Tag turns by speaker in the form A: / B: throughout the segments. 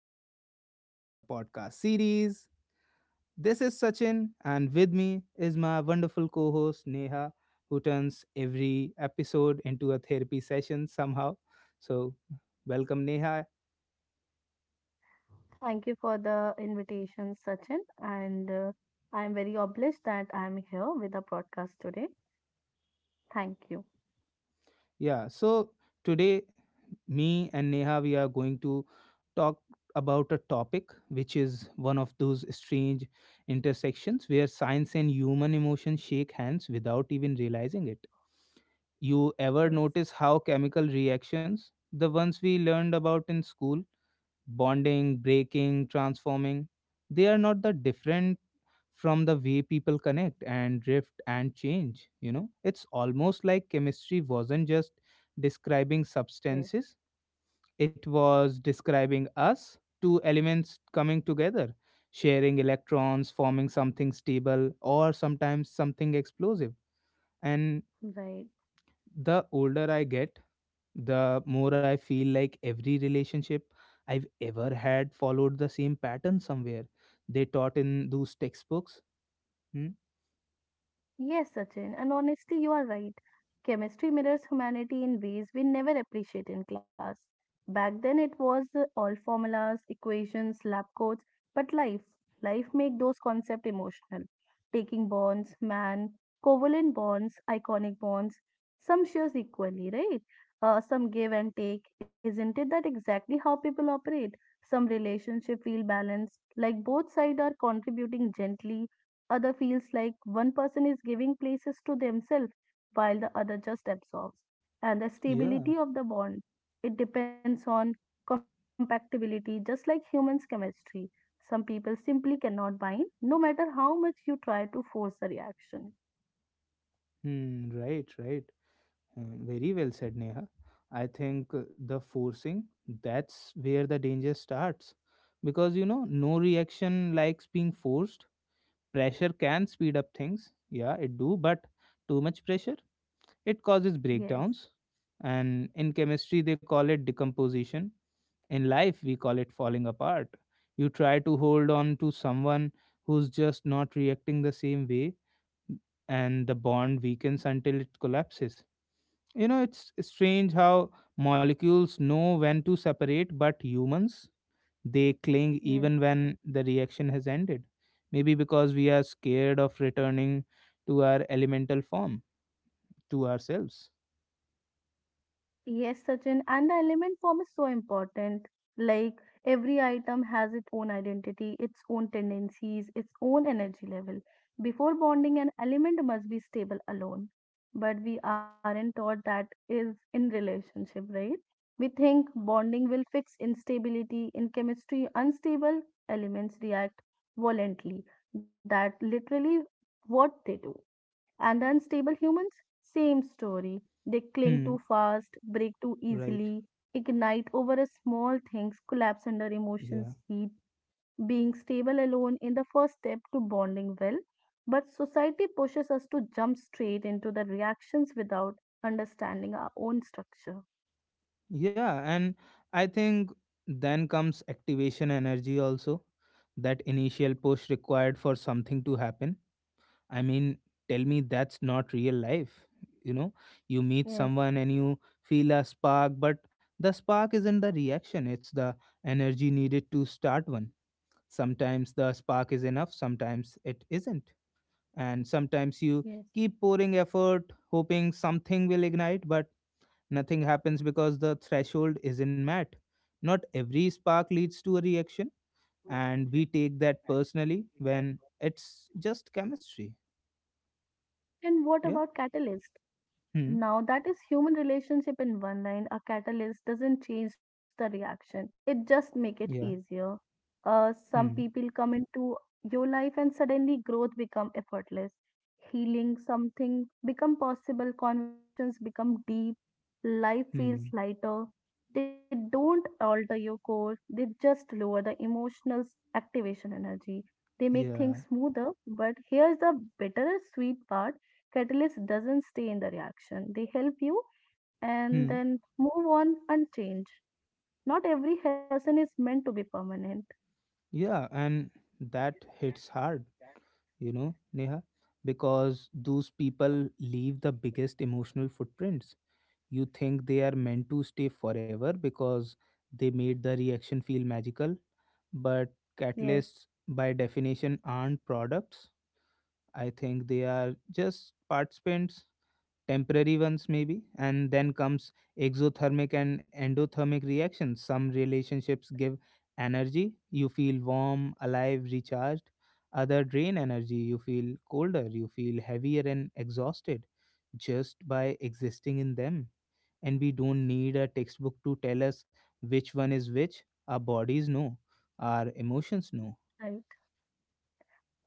A: episode of our podcast series. This is Sachin, and with me is my wonderful co host Neha, who turns every episode into a therapy session somehow. So, welcome, Neha.
B: Thank you for the invitation, Sachin. And I am very obliged that I am here with the podcast today. Thank you.
A: Yeah, so today, me and Neha, we are going to talk about a topic which is one of those strange intersections where science and human emotion shake hands without even realizing it. You ever
B: Yes,
A: notice how chemical reactions, the ones we learned about in school, bonding, breaking, transforming, they are not that different from the way people connect and drift and change, you know? It's almost like chemistry wasn't just describing
B: yes,
A: substances, it was describing us, two elements coming together, sharing electrons, forming something stable, or sometimes something explosive. And
B: right.
A: the older I get, the more I feel like every relationship I've ever had followed the same pattern somewhere. They taught in those textbooks. Hmm?
B: Yes, Sachin, and honestly, you are right. Chemistry mirrors humanity in ways we never appreciate in class. Back then, it was all formulas, equations, lab coats, but life make those concepts emotional. Taking bonds, man, covalent bonds, iconic bonds, some shares equally, right? Some give and take. Isn't it that exactly how people operate? Some relationship feel balanced, like both sides are contributing gently other feels like one person is giving places to themselves while the other just absorbs. And the
A: Yeah.
B: stability of the bond, it depends on compatibility, just like humans' chemistry. Some people simply cannot bind, no matter how much you try to force a reaction.
A: Hmm. Right. Right. Hmm, very well said, Neha. I think the forcing, that's where the danger starts, because no reaction likes being forced. Pressure can speed up things. Yeah, it do, but too much pressure, it causes
B: Yes,
A: breakdowns, and in chemistry they call it decomposition. In life, we call it falling apart. You try to hold on to someone who's just not reacting the same way, and the bond weakens until it collapses. You know, it's strange how molecules know when to separate, but humans, they cling
B: yes.
A: even when the reaction has ended. Maybe because we are scared of returning to our elemental form, to ourselves.
B: Yes, Sachin, and the element form is so important. Like every item has its own identity, its own tendencies, its own energy level. Before bonding, an element must be stable alone. But we aren't taught that is in relationship, right? We think bonding will fix instability. In chemistry, unstable elements react violently. That literally what they do. And the unstable humans, same story. They cling
A: Hmm,
B: too fast, break too
A: right.
B: easily, ignite over a small things, collapse under
A: Yeah.
B: emotions, heat. Being stable alone in the first step to bonding well. But society pushes us to jump straight into the reactions without understanding our own structure.
A: Yeah, and I think then comes activation energy also, that initial push required for something to happen. I mean, tell me that's not real life. You know, you meet
B: Yes,
A: someone and you feel a spark, but the spark isn't the reaction, it's the energy needed to start one. Sometimes the spark is enough, sometimes it isn't. And sometimes you
B: yes.
A: keep pouring effort, hoping something will ignite, but nothing happens because the threshold isn't met. Not every spark leads to a reaction, and we take that personally when it's just chemistry.
B: And what
A: Yeah.
B: about catalyst?
A: Hmm.
B: Now, that is human relationship in one line. A catalyst doesn't change the reaction, it just make it
A: Yeah.
B: easier. Some
A: Hmm.
B: people come into your life and suddenly growth become effortless. Healing something become possible, conversations become deep, life feels
A: Hmm.
B: lighter. They don't alter your core, they just lower the emotional activation energy. They make
A: Yeah.
B: things smoother, but here's the bitter sweet part. Catalyst doesn't stay in the reaction. They help you and
A: Hmm.
B: then move on and change. Not every helpful person is meant to be permanent.
A: Yeah. And that hits hard, Neha, because those people leave the biggest emotional footprints. You think they are meant to stay forever because they made the reaction feel magical, but
B: Yes,
A: catalysts, by definition, aren't products. I think they are just participants, temporary ones maybe. And then comes exothermic and endothermic reactions. Some relationships give energy, you feel warm, alive, recharged. Other drain energy, you feel colder, you feel heavier and exhausted, just by existing in them. And we don't need a textbook to tell us which one is which. Our bodies know, our emotions know.
B: right.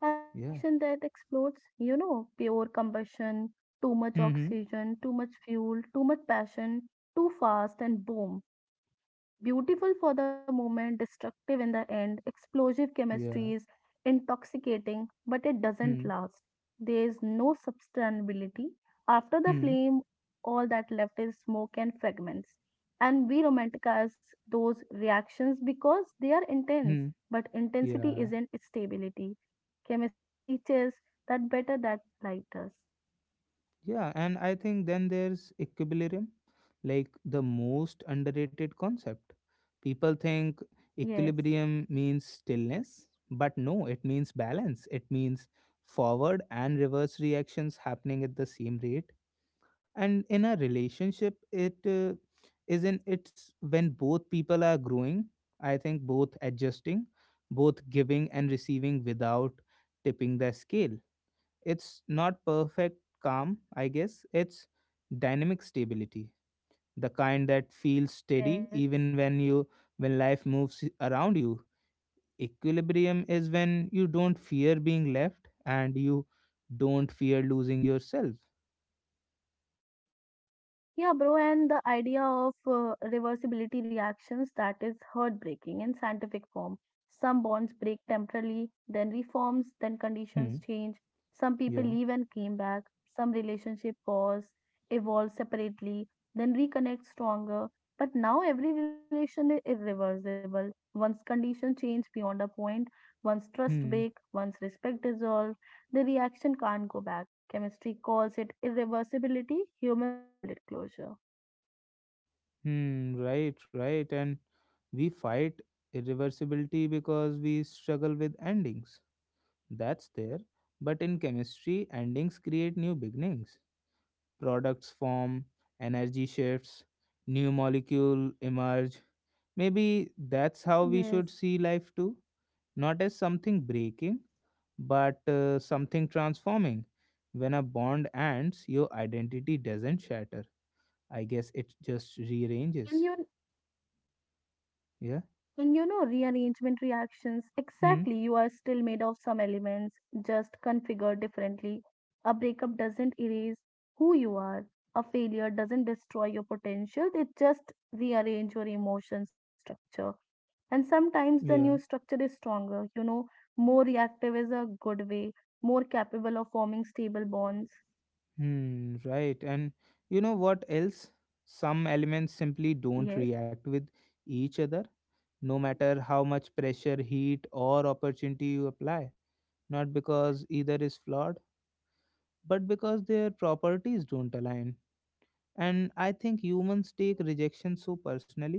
B: And the
A: Yeah.
B: reaction that explodes, you know, pure combustion, too much
A: Hmm.
B: oxygen, too much fuel, too much passion, too fast, and boom. Beautiful for the moment, destructive in the end, explosive chemistry is
A: Yeah.
B: intoxicating, but it doesn't
A: Hmm.
B: last. There is no sustainability. After the
A: Hmm.
B: flame, all that left is smoke and fragments. And we romanticize those reactions because they are intense,
A: Hmm.
B: but intensity
A: Yeah.
B: isn't stability. Chemistry teaches that better that lighters.
A: Yeah. And I think then there's equilibrium, like the most underrated concept. People think
B: Yes,
A: equilibrium means stillness, but no, it means balance. It means forward and reverse reactions happening at the same rate, and in a relationship it is in it's when both people are growing, I think, both adjusting, both giving and receiving without tipping the scale. It's not perfect calm, I guess, it's dynamic stability, the kind that feels
B: yes.
A: steady even when life moves around you. Equilibrium is when you don't fear being left and you don't fear losing yourself.
B: Yeah, bro, and the idea of reversibility reactions that is heartbreaking in scientific form. Some bonds break temporarily, then reforms, then conditions
A: Hmm.
B: change. Some people
A: Yeah.
B: leave and came back. Some relationship pause, evolve separately, then reconnect stronger. But now every relation is irreversible. Once conditions change beyond a point, once trust
A: Hmm.
B: break, once respect dissolve, the reaction can't go back. Chemistry calls it irreversibility, humans call it closure.
A: Hmm, right, right. And we fight irreversibility because we struggle with endings. That's there. But in chemistry, endings create new beginnings. Products form, energy shifts, new molecule emerge. Maybe that's how
B: Yes.
A: we should see life too. Not as something breaking, but something transforming. When a bond ends, your identity doesn't shatter. I guess it just
B: And
A: rearranges.
B: you
A: Yeah.
B: and you know rearrangement reactions
A: Hmm.
B: exactly, you are still made of some elements just configured differently. A breakup doesn't erase who you are, a failure doesn't destroy your potential, it just rearrange your emotion structure. And sometimes the new
A: Yeah.
B: structure is stronger, you know, more reactive is a good way, more capable of forming stable bonds.
A: Hmm, right. And you know what else? Some elements simply don't
B: Yes.
A: react with each other, no matter how much pressure, heat, or opportunity you apply. Not because either is flawed, but because their properties don't align. And I think humans take rejection so personally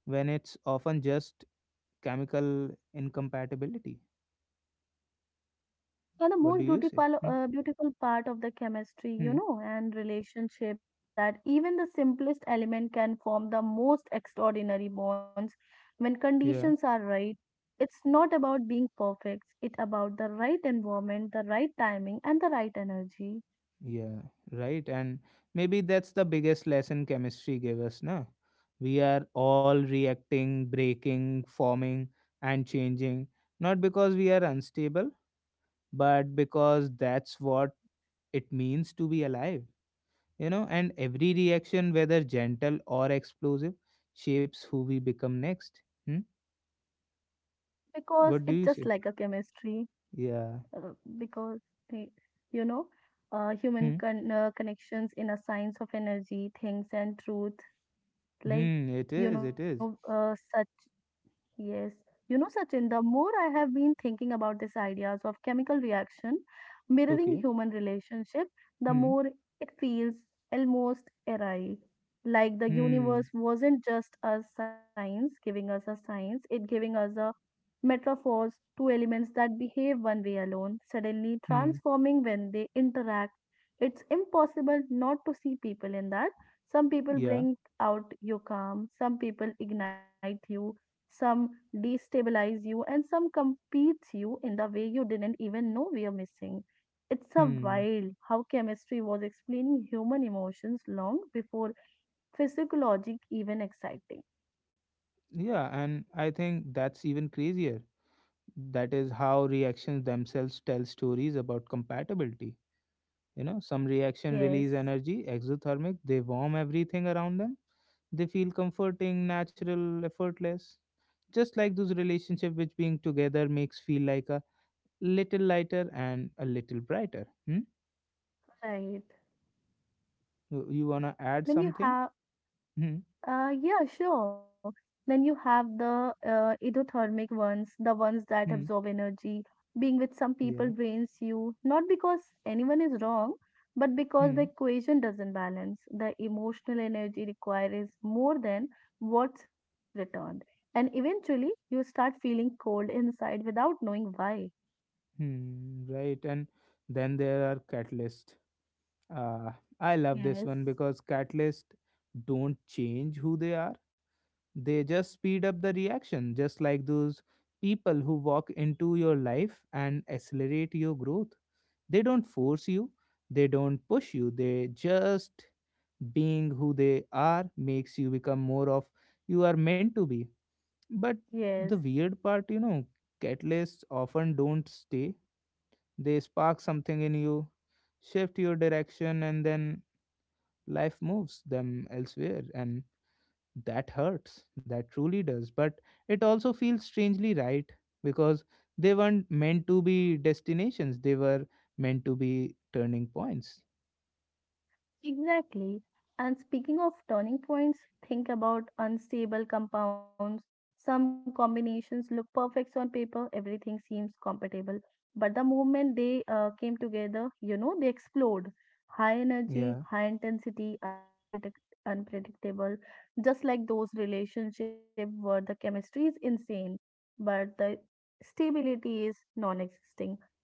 A: when it's often just chemical incompatibility.
B: And the
A: What
B: most
A: do you say?
B: beautiful,
A: Hmm?
B: beautiful part of the chemistry, you
A: Hmm.
B: know, and relationship is that even the simplest element can form the most extraordinary bonds when conditions
A: Yeah.
B: are right. It's not about being perfect, it's about the right environment, the right timing, and the right energy.
A: Yeah, right. And maybe that's the biggest lesson chemistry gave us, na? We are all reacting, breaking, forming, and changing, not because we are unstable, but because that's what it means to be alive, you know? And every reaction, whether gentle or explosive, shapes who we become next. Hmm?
B: Because
A: What do
B: it's
A: you
B: just
A: say?
B: like a chemistry,
A: Yeah.
B: uh, because, eh, you know, human
A: Hmm.
B: connections in a science of energy, things, and truth, like,
A: Hmm. It
B: you
A: is. It
B: know,
A: is.
B: such. Yes, you know, Sachin, the more I have been thinking about these ideas of chemical reaction mirroring
A: Okay.
B: human relationship, the
A: Hmm.
B: more it feels almost awry. Like the universe
A: Hmm.
B: wasn't just a science giving us a science, it giving us a metaphors, two elements that behave one way alone, suddenly
A: Hmm.
B: transforming when they interact. It's impossible not to see people in that. Some people
A: Yeah.
B: bring out your calm, some people ignite you, some destabilize you, and some competes you in the way you didn't even know we are missing. It's a
A: Hmm.
B: wild how chemistry was explaining human emotions long before physiologic even exciting.
A: Yeah, and I think that's even crazier. That is how reactions themselves tell stories about compatibility. You know, some reaction
B: Yes,
A: release energy, exothermic, they warm everything around them. They feel comforting, natural, effortless. Just like those relationship which being together makes feel like a little lighter and a little brighter. Hmm?
B: right.
A: You wanna add
B: When you
A: something?
B: have.
A: Hmm.
B: Yeah, sure. Then you have the endothermic ones, the ones that
A: Hmm.
B: absorb energy. Being with some people
A: Yeah.
B: drains you, not because anyone is wrong, but because the
A: Hmm.
B: equation doesn't balance. The emotional energy required is more than what's returned. And eventually, you start feeling cold inside without knowing why.
A: Hmm. Right. And then there are catalysts. Uh, I love this
B: Yes.
A: one because catalysts don't change who they are. They just speed up the reaction, just like those people who walk into your life and accelerate your growth. They don't force you, they don't push you, they just being who they are makes you become more of you are meant to be. But
B: Yes.
A: the weird part, catalysts often don't stay. They spark something in you, shift your direction, and then life moves them elsewhere. And that hurts. That truly does. But it also feels strangely right, because they weren't meant to be destinations, they were meant to be turning points.
B: Exactly. And speaking of turning points, think about unstable compounds. Some combinations look perfect on paper, everything seems compatible. But the moment they came together, you know, they explode. High energy,
A: Yeah.
B: high intensity, unpredictable. Just like those relationships where the chemistry is insane, but the stability is non-existing.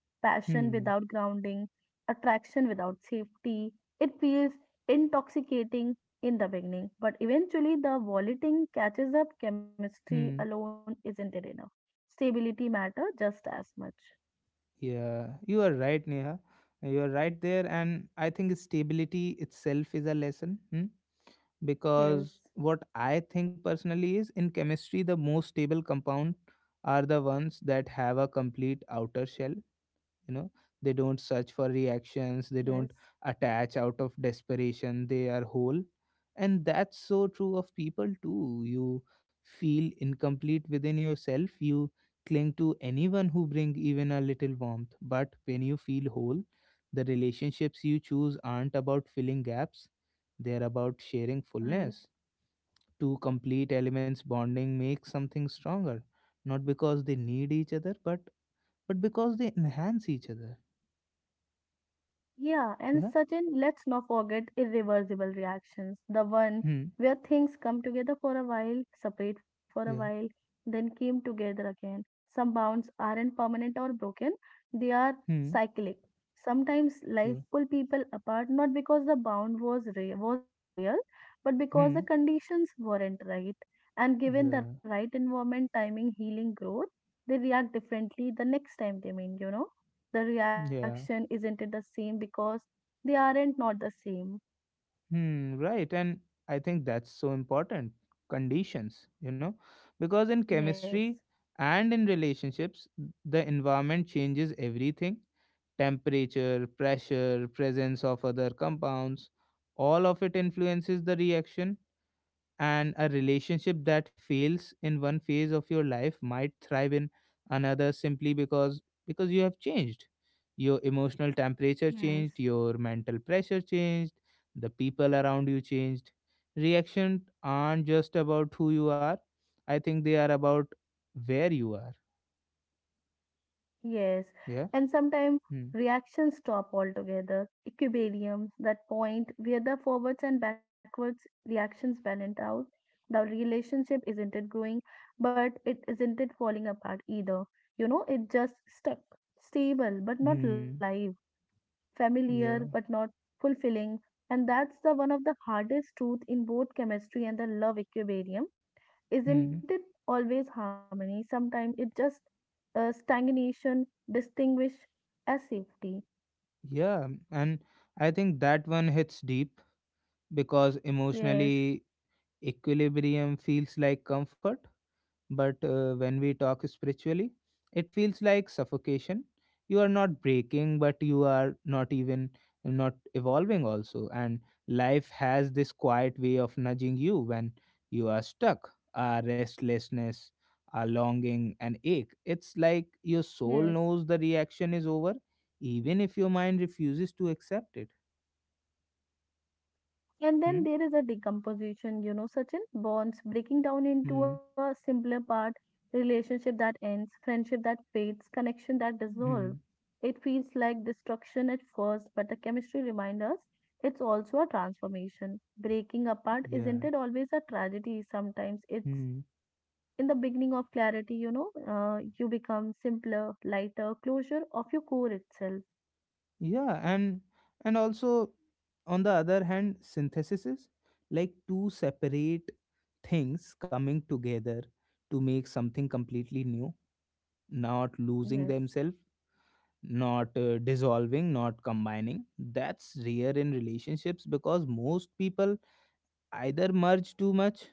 B: Passion
A: Hmm.
B: without grounding, attraction without safety, it feels intoxicating in the beginning, but eventually the vomiting catches up. Chemistry
A: Hmm.
B: alone isn't it enough. Stability matter just as much.
A: Yeah. You are right, Neha. You are right there, and I think stability itself is a lesson. Hmm?
B: Yes,
A: Because what I think personally is, in chemistry, the most stable compound are the ones that have a complete outer shell. you know they don't search for reactions,
B: yes,
A: they don't attach out of desperation, they are whole. And that's so true of people too. You feel incomplete within yourself, you cling to anyone who bring even a little warmth. But when you feel whole, the relationships you choose aren't about filling gaps, they're about sharing
B: right.
A: fullness. Two complete elements bonding make something stronger, not because they need each other, but because they enhance each other.
B: Yeah, and
A: Yeah.
B: certain, let's not forget irreversible reactions. The one
A: Hmm.
B: where things come together for a while, separate for a while,
A: Yeah.
B: then came together again. Some bonds aren't permanent or broken, they are
A: Hmm.
B: cyclic. Sometimes life
A: Yeah.
B: pull people apart not because the bond was wasn't real, but because the
A: Hmm.
B: conditions weren't right. And given the
A: Yeah.
B: right environment, timing, healing, growth, they react differently the next time they meet, you know, the reaction
A: Yeah.
B: isn't it the same because they aren't not the same.
A: Hmm. Right. And I think that's so important. Conditions, because in
B: Yes.
A: chemistry and in relationships, the environment changes everything. Temperature, pressure, presence of other compounds. All of it influences the reaction. And a relationship that fails in one phase of your life might thrive in another, simply because you have changed. Your emotional temperature
B: Yes.
A: changed, your mental pressure changed, the people around you changed. Reactions aren't just about who you are, I think they are about where you are.
B: Yes
A: Yeah.
B: and sometimes
A: Hmm.
B: reactions stop altogether, equilibrium, that point where the forwards and backwards reactions balance out. The relationship isn't it growing, but it isn't it falling apart either, you know, it just stuck, stable but not
A: Hmm.
B: live, familiar but
A: Yeah.
B: not fulfilling. And that's the one of the hardest truth in both chemistry and the love equilibrium,
A: Hmm.
B: isn't it always harmony, sometimes it just stagnation distinguish as safety.
A: Yeah. And I think that one hits deep because
B: Yes.
A: emotionally, equilibrium feels like comfort. But when we talk spiritually, it feels like suffocation. You are not breaking, but you are not even not evolving also. And life has this quiet way of nudging you when you are stuck. Our restlessness, our longing, and ache. It's like your
B: Yes.
A: soul knows the reaction is over, even if your mind refuses to accept it.
B: And
A: Hmm?
B: then there is a decomposition, you know, such in bonds breaking down
A: Hmm?
B: into a simpler part, relationship that ends, friendship that fades, connection that dissolve.
A: Hmm?
B: It feels like destruction at first, but the chemistry reminds us it's also a transformation. Breaking apart isn't
A: Yeah.
B: it always a tragedy? Sometimes
A: Hmm?
B: it's in the beginning of clarity, you know, you become simpler, lighter, closure of your core itself.
A: Yeah, and also, on the other hand, synthesis is like two separate things coming together to make something completely new, not losing
B: Yes.
A: themselves, not dissolving, not combining. That's rare in relationships because most people either merge too much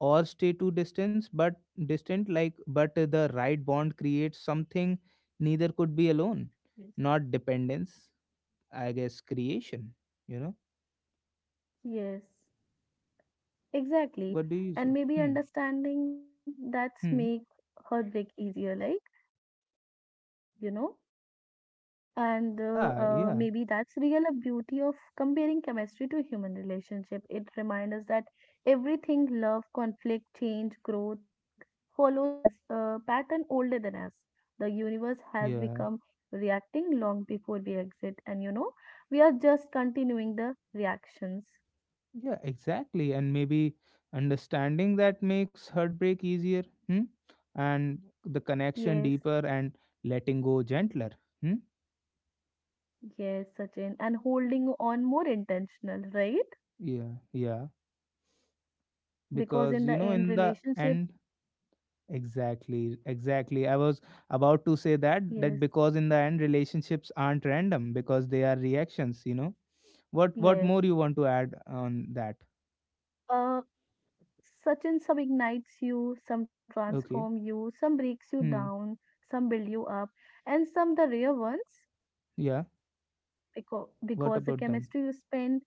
A: or stay too distant, but distant like but the right bond creates something neither could be alone,
B: Yes.
A: not dependence, I guess, creation, you know?
B: Yes. Exactly.
A: What do you
B: And
A: say?
B: maybe
A: Hmm.
B: understanding that's make
A: Hmm.
B: heartbreak easier, like, you know, and
A: Yeah, yeah,
B: maybe that's real a beauty of comparing chemistry to human relationship. It reminds us that everything, love, conflict, change, growth, follows a pattern older than us. The universe has
A: yeah,
B: become reacting long before we exit, and you know, we are just continuing the reactions.
A: yeah, exactly. And maybe understanding that makes heartbreak easier, hmm? And the
B: Yes.
A: connection deeper and letting go gentler, hmm?
B: Yes, Sachin, and holding on more intentional, right?
A: Yeah, yeah.
B: Because
A: Because,
B: in the
A: in
B: end,
A: the
B: relationship,
A: end, exactly, exactly. I was about to say that,
B: yes,
A: that because in the end, relationships aren't random because they are reactions, you know? What
B: yes.
A: more you want to add on that?
B: Uh, Sachin, some ignites you, some transform
A: Okay.
B: you, some breaks you
A: Hmm.
B: down, some build you up, and some the rare ones
A: Yeah.
B: because
A: What
B: because the
A: about them?
B: chemistry you spend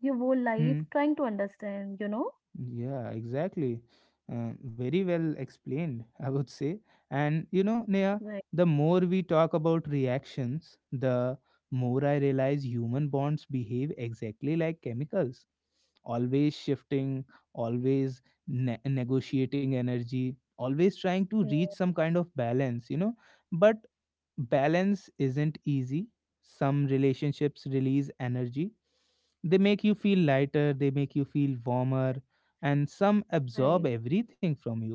B: your whole life
A: Hmm.
B: trying to understand, you know,
A: Yeah, exactly. Very well explained, I would say. And you know, Neha,
B: right,
A: the more we talk about reactions, the more I realize human bonds behave exactly like chemicals, always shifting, always negotiating energy, always trying to
B: yeah,
A: reach some kind of balance. But balance isn't easy. Some relationships release energy. They make you feel lighter, they make you feel warmer, and some absorb
B: right.
A: everything from you,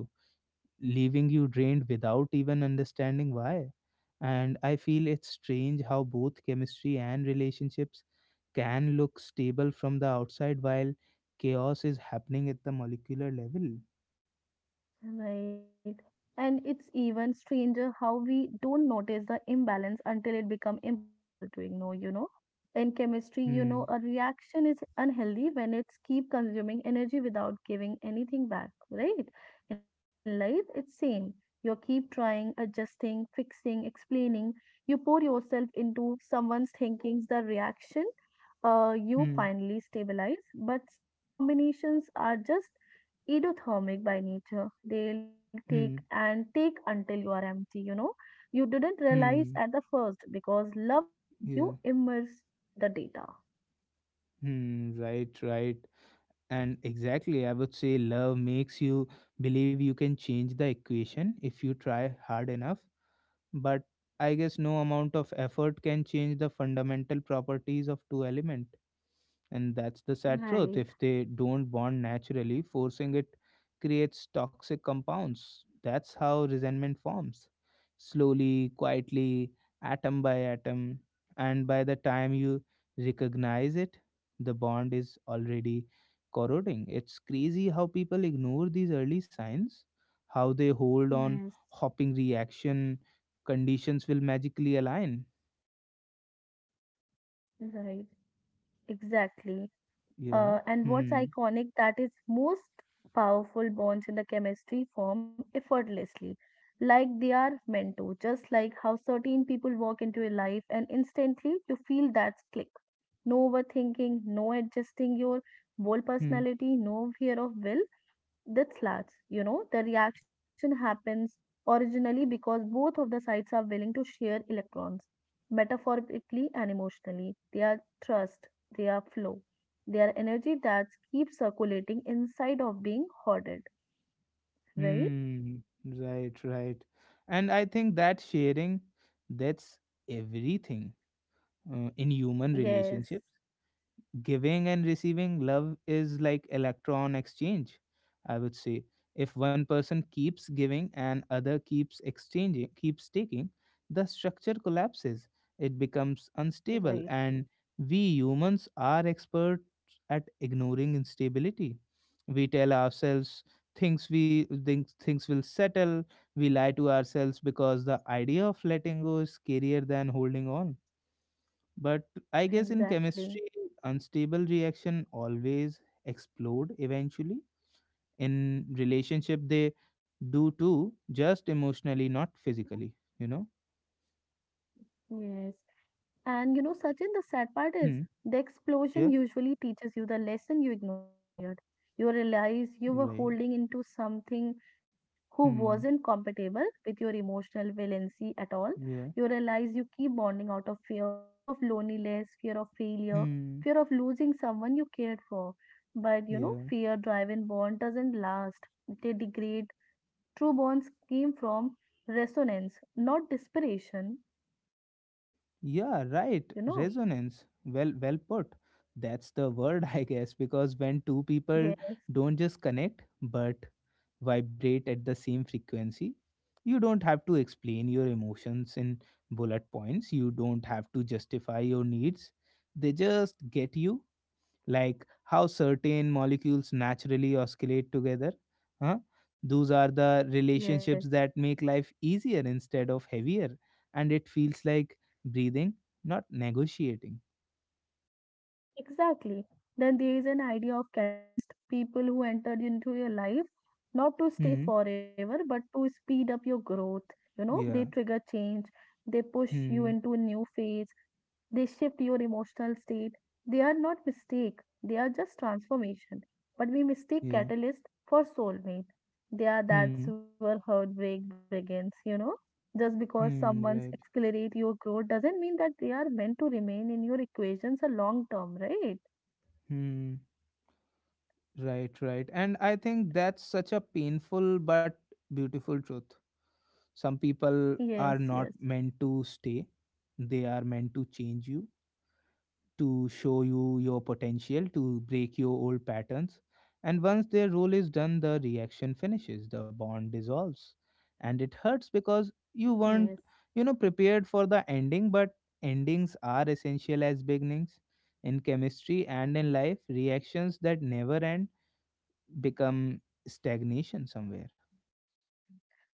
A: leaving you drained without even understanding why. And I feel it's strange how both chemistry and relationships can look stable from the outside while chaos is happening at the molecular level.
B: Right. And it's even stranger how we don't notice the imbalance until it become impossible to ignore, you know. In chemistry, you
A: Hmm,
B: know, a reaction is unhealthy when it's keep consuming energy without giving anything back, right? In life, it's same. You keep trying, adjusting, fixing, explaining. You pour yourself into someone's thinkings, the reaction you
A: hmm,
B: finally stabilize. But some combinations are just edothermic by nature. They'll take
A: hmm,
B: and take until you are empty, you know. You didn't realize
A: hmm,
B: at the first because loves make
A: yeah,
B: you immerse the data.
A: hmm, right, right. And exactly, I would say love makes you believe you can change the equation if you try hard enough. But I guess no amount of effort can change the fundamental properties of two elements. And that's the sad truth.
B: Right.
A: If they don't bond naturally, forcing it creates toxic compounds. That's how resentment forms slowly, quietly, atom by atom. And by the time you recognize it, the bond is already corroding. It's crazy how people ignore these early signs, how they hold on,
B: Yes.
A: hopping reaction, conditions will magically align.
B: Right. Exactly.
A: Yeah.
B: And what's
A: Hmm.
B: iconic that is most powerful bonds in the chemistry form effortlessly, like they are meant to, just like how certain people walk into your life and instantly you feel that click. No overthinking, no adjusting your whole
A: Hmm.
B: personality, no fear of will that's slats, you know, the reaction happens originally because both of the sides are willing to share electrons, metaphorically and emotionally. They are thrust, they are flow, they are energy that keeps circulating inside of being hoarded, right?
A: Hmm. Right, right. And I think that sharing, that's everything in human
B: Yes,
A: relationship, giving and receiving love is like electron exchange, I would say. If one person keeps giving and other keeps taking, the structure collapses, it becomes
B: right,
A: unstable, and we humans are experts at ignoring instability. We tell ourselves things we think things will settle. We lie to ourselves because the idea of letting go is scarier than holding on. But I guess in
B: exactly.
A: chemistry, unstable reaction always explode eventually. In relationship, they do too, just emotionally, not physically. You know.
B: Yes. And you know, Sachin, the sad part is
A: Hmm.
B: the
A: Yeah.
B: explosion usually teaches you the lesson you ignored earlier. You realize you were
A: Right.
B: holding into something who wasn't
A: Hmm.
B: compatible with your emotional valency at all. You
A: Yeah.
B: realize you keep bonding out of fear, fear of loneliness, fear of failure,
A: Hmm.
B: fear of losing someone you cared for. But you know,
A: Yeah.
B: fear driven bond doesn't last. They degrade. True bonds came from resonance, not desperation,
A: Yeah, right.
B: you know.
A: Resonance. Well put. That's the word, I guess, because when two people
B: Yes.
A: don't just connect, but vibrate at the same frequency, you don't have to explain your emotions in bullet points. You don't have to justify your needs. They just get you, like how certain molecules naturally oscillate together. Huh? Those are the
B: Yes,
A: relationships that make life easier instead of heavier, and it feels like breathing, not negotiating.
B: exactly. Then there is an idea of catalyst, people who entered into your life not to stay
A: Hmm.
B: forever, but to speed up your growth. You know, they
A: Yeah.
B: trigger change, they push you
A: Hmm.
B: into a new phase, they shift your emotional state. They are not mistake, they are just transformation. But we mistake
A: Yeah.
B: catalyst for soulmate. They are
A: Hmm.
B: that's where heartbreak begins. Just because someone's
A: Hmm. Right.
B: accelerate your growth doesn't mean that they are meant to remain in your equations a long term, right?
A: Hmm. Right. Right. And I think that's such a painful but beautiful truth. Some people
B: Yes,
A: are
B: yes,
A: not meant to stay; they are meant to change you, to show you your potential, to break your old patterns. And once their role is done, the reaction finishes, the bond dissolves. And it hurts because you
B: yes.
A: weren't, you know, prepared for the ending, but endings are essential as beginnings. In chemistry and in life, reactions that never end become stagnation somewhere.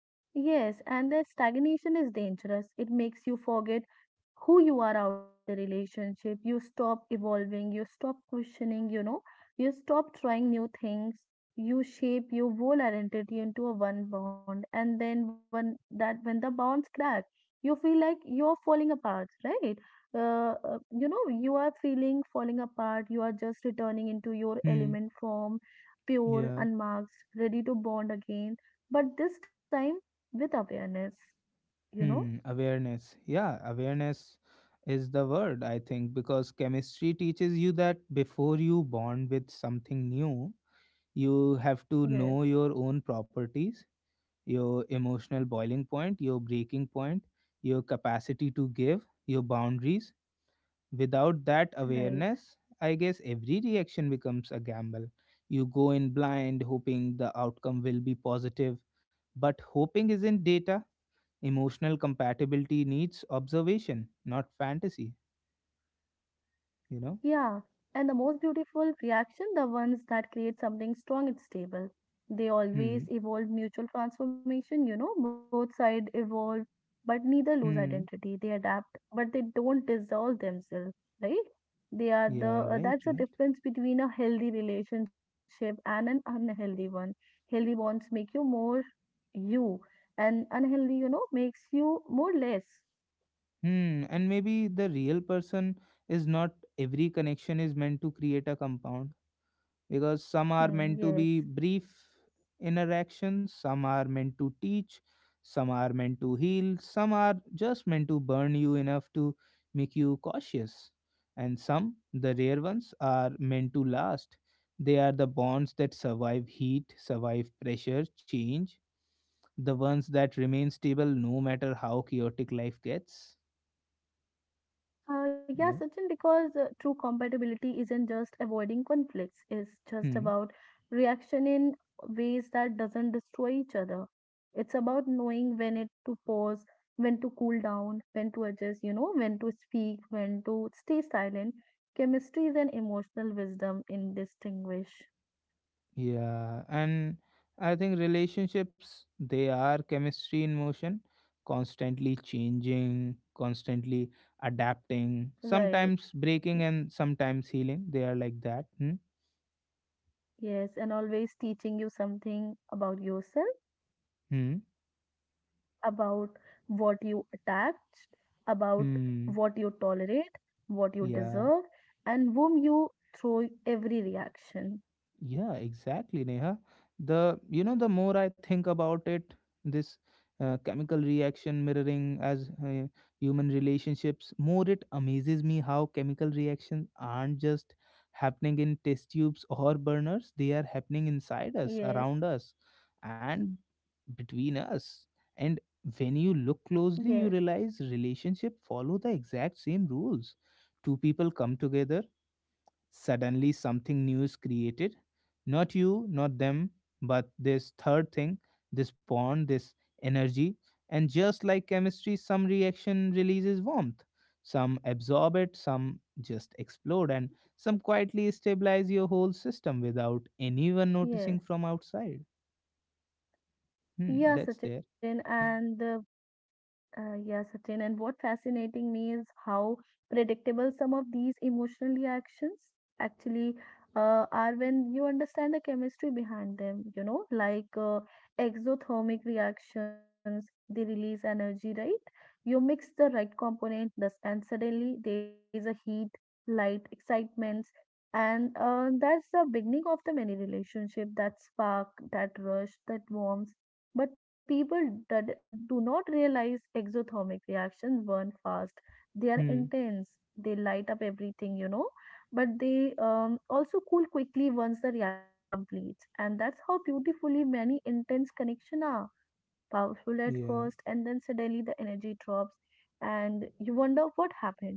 B: Yes, and the stagnation is dangerous. It makes you forget who you are outside the relationship. You stop evolving, you stop questioning. You stop trying new things. You shape your whole identity into a one bond, and then when the bonds crack you feel like you're falling apart, right. You are feeling falling apart. You are just returning into your
A: Hmm.
B: element form, pure,
A: Yeah.
B: unmarked, ready to bond again, but this time with awareness you know
A: Hmm, awareness. Yeah, awareness is the word, I think, because chemistry teaches you that before you bond with something new, you have to
B: yes.
A: know your own properties, your emotional boiling point, your breaking point, your capacity to give, your boundaries. Without that
B: Right.
A: awareness, I guess every reaction becomes a gamble. You go in blind, hoping the outcome will be positive, but hoping isn't data. Emotional compatibility needs observation, not fantasy, you know?
B: Yeah, and the most beautiful reaction, the ones that create something strong and stable. They
A: Hmm.
B: always evolve mutual transformation, both sides evolve, but neither lose
A: Hmm.
B: identity. They adapt, but they don't dissolve themselves, right? They are the
A: Yeah, right,
B: that's the
A: right.
B: difference between a healthy relationship and an unhealthy one. Healthy bonds make you more you, and unhealthy, makes you more less.
A: Hmm. And maybe the real person is not every connection is meant to create a compound, because some are
B: Hmm,
A: meant to
B: yes.
A: be brief interactions, some are meant to teach, some are meant to heal, some are just meant to burn you enough to make you cautious. And some, the rare ones, are meant to last. They are the bonds that survive heat, survive pressure, change, the ones that remain stable no matter how chaotic life gets.
B: Yeah, Sachin,
A: Yeah.
B: because true compatibility isn't just avoiding conflicts, it's just
A: Hmm.
B: about reaction in ways that doesn't destroy each other. It's about knowing when it to pause, when to cool down, when to adjust, when to speak, when to stay silent. Chemistry is an emotional wisdom in distinguish.
A: Yeah, and I think relationships, they are chemistry in motion, constantly changing, constantly adapting,
B: Right.
A: sometimes breaking and sometimes healing. They are like that. Hmm.
B: Yes, and always teaching you something about yourself,
A: Hmm.
B: about what you attached, about
A: Hmm.
B: what you tolerate, what you
A: Yeah.
B: deserve, and whom you throw every reaction.
A: Yeah, exactly, Neha. The you know the more I think about it, this chemical reaction mirroring as human relationships, more it amazes me how chemical reactions aren't just happening in test tubes or burners. They are happening inside us,
B: Yes,
A: around us, and between us. And when you look
B: yes,
A: closely, you realize relationship follow the exact same rules. Two people come together. Suddenly, something new is created. Not you, not them, but this third thing, this bond, this energy. And just like chemistry, some reaction releases warmth. Some absorb it, some just explode, and some quietly stabilize your whole system without anyone noticing
B: yes.
A: from outside. Hmm,
B: Yeah,
A: that's there.
B: Sachin, and uh, yeah, Sachin. And what fascinating me is how predictable some of these emotional reactions actually are when you understand the chemistry behind them, like exothermic reactions, they release energy, right? You mix the right component, thus, and suddenly there is a heat, light, excitement, and that's the beginning of the many relationship, that spark, that rush, that warmth. But people that do not realize exothermic reactions burn fast. They are
A: Hmm,
B: intense. They light up everything, you know. But they also cool quickly once the reaction completes. And that's how beautifully many intense connections are. Powerful at first,
A: yeah.
B: and then suddenly the energy drops, and you wonder what happened.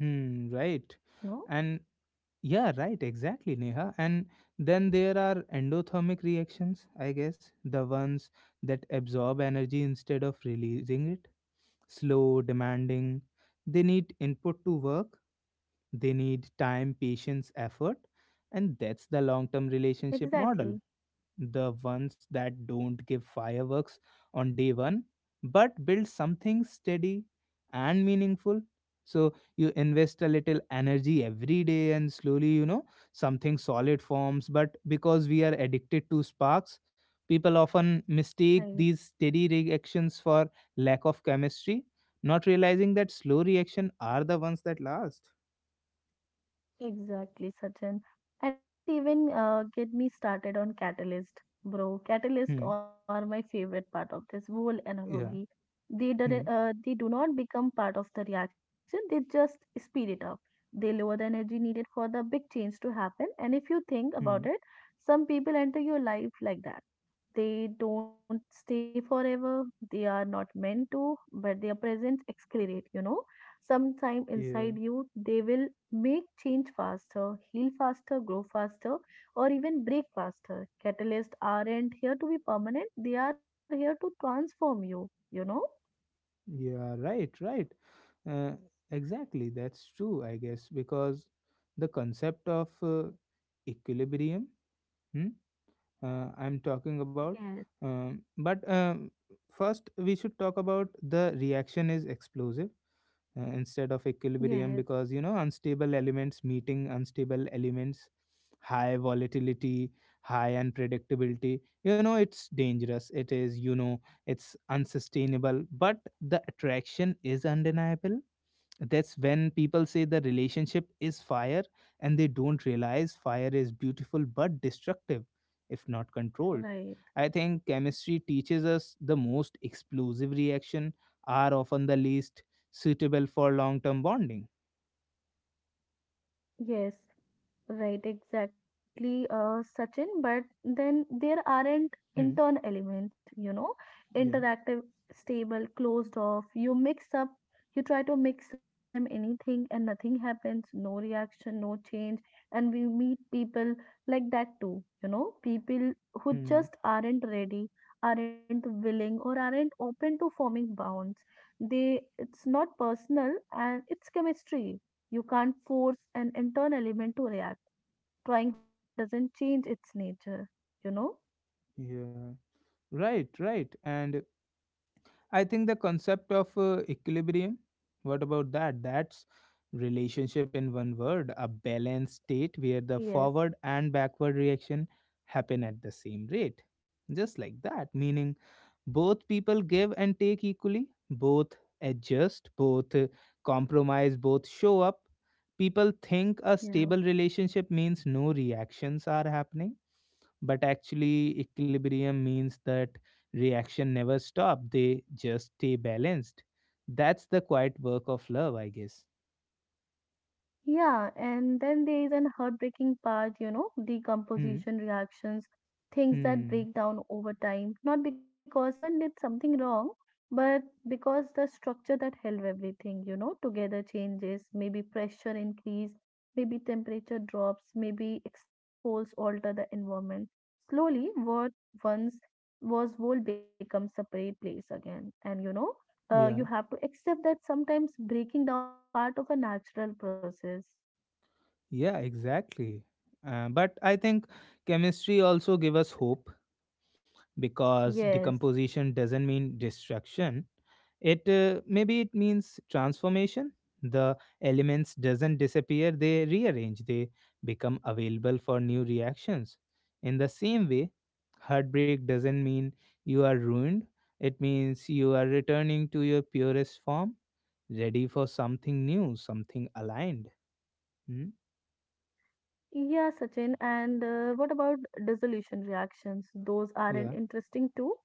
A: Hmm, right.
B: No,
A: And yeah, right, exactly, Neha. And then there are endothermic reactions, I guess, the ones that absorb energy instead of releasing it. Slow, demanding. They need input to work, they need time, patience, effort. And that's the long term relationship
B: exactly.
A: model, the ones that don't give fireworks on day one, but build something steady and meaningful. So you invest a little energy every day and slowly, you know, something solid forms. But because we are addicted to sparks, people often
B: Right.
A: mistake these steady reactions for lack of chemistry, not realizing that slow reaction are the ones that last.
B: Exactly, Sachin. And don't even get me started on catalyst, bro. Catalyst
A: Hmm.
B: are my favorite part of this whole analogy.
A: Yeah.
B: They do,
A: Hmm.
B: uh, they do not become part of the reaction, they just speed it up. They lower the energy needed for the big change to happen. And if you think
A: Hmm.
B: about it, some people enter your life like that. They don't stay forever. They are not meant to, but their presence accelerate, you know. Sometime inside
A: Yeah.
B: you, they will make change faster, heal faster, grow faster, or even break faster. Catalysts aren't here to be permanent. They are here to transform you, you know.
A: Yeah, right, right. Uh, exactly, that's true, I guess, because the concept of equilibrium, hmm, I'm talking about.
B: Yes,
A: But first, we should talk about the reaction is explosive instead of equilibrium,
B: yes,
A: because you know unstable elements meeting unstable elements, high volatility, high unpredictability, you know it's dangerous, it is, you know, it's unsustainable, but the attraction is undeniable. That's when people say the relationship is fire, and they don't realize fire is beautiful but destructive if not controlled.
B: right.
A: I think chemistry teaches us the most explosive reaction are often the least suitable for long term bonding.
B: Yes. Right, exactly, Sachin. But then there aren't
A: Hmm.
B: intern element,
A: Yeah.
B: interactive, stable, closed off. You mix up, you try to mix up with them anything and nothing happens, no reaction, no change. And we meet people like that too, people who
A: Hmm.
B: just aren't ready, aren't willing, or aren't open to forming bonds. It's not personal and it's chemistry. You can't force an intern element to react. Trying harder doesn't change its nature, you know?
A: Yeah, right, right. And I think the concept of equilibrium, what about that? That's relationship in one word, a balanced state where the
B: Yes.
A: forward and backward reaction happen at the same rate. Just like that, meaning both people give and take equally, both adjust, both compromise, both show up. People think a
B: Yeah.
A: stable relationship means no reactions are happening, but actually equilibrium means that reaction never stop, they just stay balanced. That's the quiet work of love, I guess.
B: Yeah, and then there is an heartbreaking part,
A: Hmm.
B: decomposition reactions, things that
A: Hmm.
B: break down over time, not because anyone did something wrong, but because the structure that held everything together changes, maybe pressure increase, maybe temperature drops, maybe external force alter the environment. Slowly, what once was whole becomes separate place again, and you
A: Yeah.
B: have to accept that sometimes breaking down is a part of a natural process.
A: Yeah, exactly. But I think chemistry also give us hope, because
B: Yes.
A: decomposition doesn't mean destruction. It maybe it means transformation. The elements doesn't disappear, they rearrange, they become available for new reactions. In the same way, heartbreak doesn't mean you are ruined. It means you are returning to your purest form, ready for something new, something aligned. Hmm?
B: Yeah, Sachin. And what about dissolution reactions? Those aren't
A: Yeah,
B: interesting too.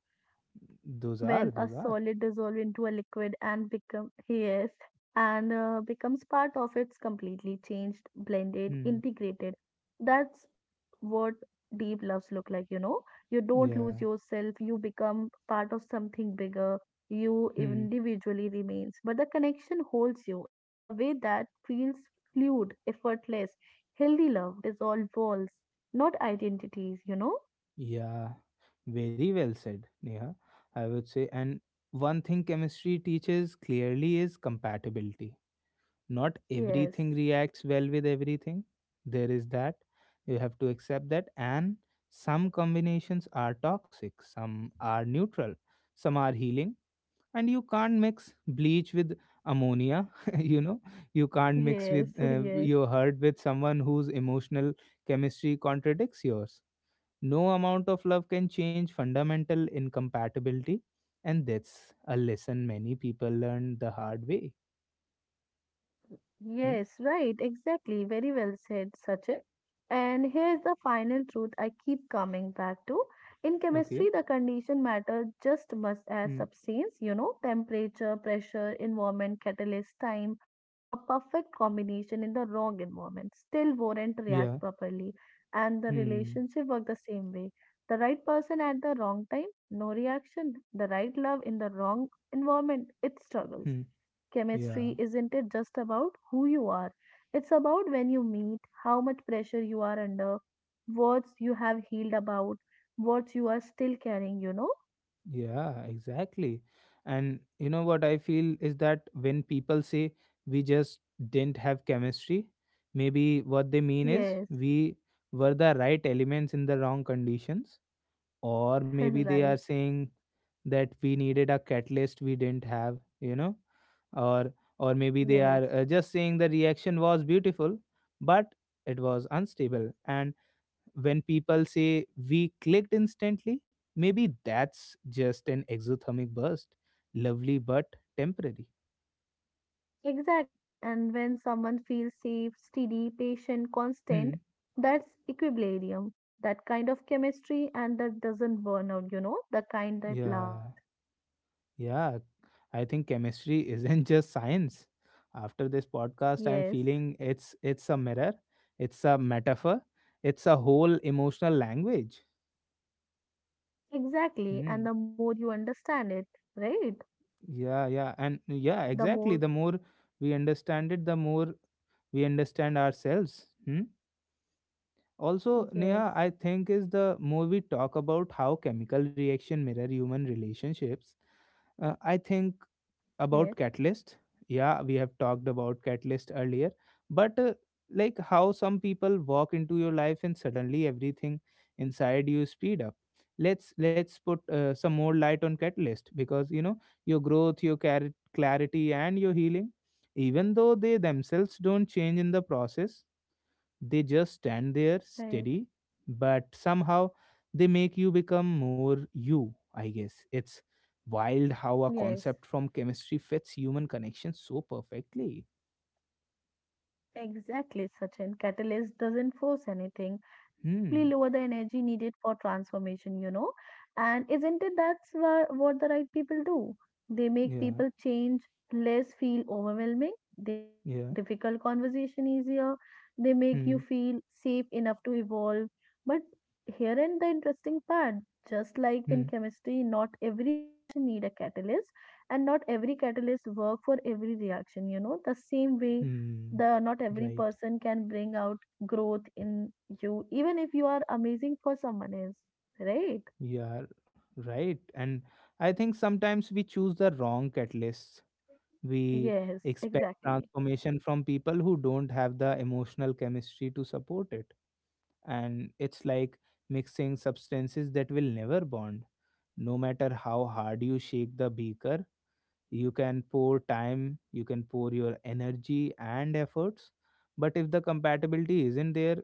B: When a
A: those are,
B: solid
A: those
B: dissolves
A: are.
B: into a liquid and become, yes, and becomes part of its completely changed, blended,
A: Hmm.
B: integrated. That's what deep loves look like. You know, you don't lose
A: Yeah.
B: yourself. You become part of something bigger. You
A: Hmm.
B: individually remains, but the connection holds you in the way that feels fluid, effortless. Healthy love dissolves walls, not identities, you know?
A: Yeah, very well said, Neha. I would say, and one thing chemistry teaches clearly is compatibility. Not
B: Yes,
A: everything reacts well with everything. There is that. You have to accept that. And some combinations are toxic, some are neutral, some are healing. And you can't mix bleach with ammonia, you know. You can't mix
B: yes,
A: with
B: yes.
A: your hurt with someone whose emotional chemistry contradicts yours. No amount of love can change fundamental incompatibility, and that's a lesson many people learn the hard way. Hmm?
B: Yes, right, exactly. Very well said, Sachin. And here's the final truth I keep coming back to. In
A: Okay.
B: chemistry, the condition matter just much as
A: Hmm.
B: substance, temperature, pressure, environment, catalyst, time, a perfect combination in the wrong environment still won't
A: Yeah.
B: react properly. And the
A: Hmm.
B: relationship work the same way. The right person at the wrong time, no reaction. The right love in the wrong environment, it struggles.
A: Hmm. Yeah.
B: Chemistry isn't it just about who you are? It's about when you meet, how much pressure you are under, what you have healed about, what you are still carrying, you know?
A: Yeah. Exactly. And you know what I feel is that when people say we just didn't have chemistry, maybe what they mean is
B: Yes,
A: we were the right elements in the wrong conditions, or maybe they are
B: right.
A: saying that we needed a catalyst we didn't have, you know, or or maybe they
B: Yes,
A: are just saying the reaction was beautiful but it was unstable. And when people say we clicked instantly, maybe that's just an exothermic burst, lovely but temporary.
B: exactly. And when someone feels safe, steady, patient, constant,
A: Hmm.
B: that's equilibrium. That kind of chemistry and that doesn't burn out, the kind that
A: Yeah.
B: lasts.
A: Yeah, I think chemistry isn't just science. After this podcast, I'm
B: Yes,
A: feeling it's a mirror, it's a metaphor, it's a whole emotional language.
B: exactly.
A: Hmm.
B: And the more you understand it, right?
A: Yeah, yeah, and yeah,
B: The more.
A: exactly. The more we understand it, the more we understand ourselves. Hmm? Also,
B: Yes,
A: Neha, I think is the more we talk about how chemical reaction mirror human relationships, I think
B: yes,
A: about catalyst. Yeah, we have talked about catalyst earlier, but like how some people walk into your life and suddenly everything inside you speed up. Let's put some more light on catalyst, because you know your growth, your clarity, and your healing, even though they themselves don't change in the process, they just stand there
B: right,
A: steady, but somehow they make you become more you, I guess. It's wild how a
B: yes.
A: concept from chemistry fits human connection so perfectly.
B: Exactly, Sachin. Catalyst doesn't force anything. They simply
A: Hmm.
B: lower the energy needed for transformation. And isn't it that's what the right people do? They make
A: Yeah.
B: people change less feel overwhelming. They make
A: Yeah.
B: difficult conversation easier. They make you
A: Hmm.
B: feel safe enough to evolve. But here in the interesting part, just like in
A: Hmm.
B: chemistry, not every reaction need a catalyst, and not every catalyst work for every reaction. The same way
A: Hmm.
B: the not every
A: Right.
B: person can bring out growth in you, even if you are amazing for someone else, right?
A: Yeah. Right. And I think sometimes we choose the wrong catalysts. We
B: Yes,
A: expect
B: exactly.
A: transformation from people who don't have the emotional chemistry to support it. And it's like mixing substances that will never bond, no matter how hard you shake the beaker. You can pour time, you can pour your energy and efforts, but if the compatibility isn't there,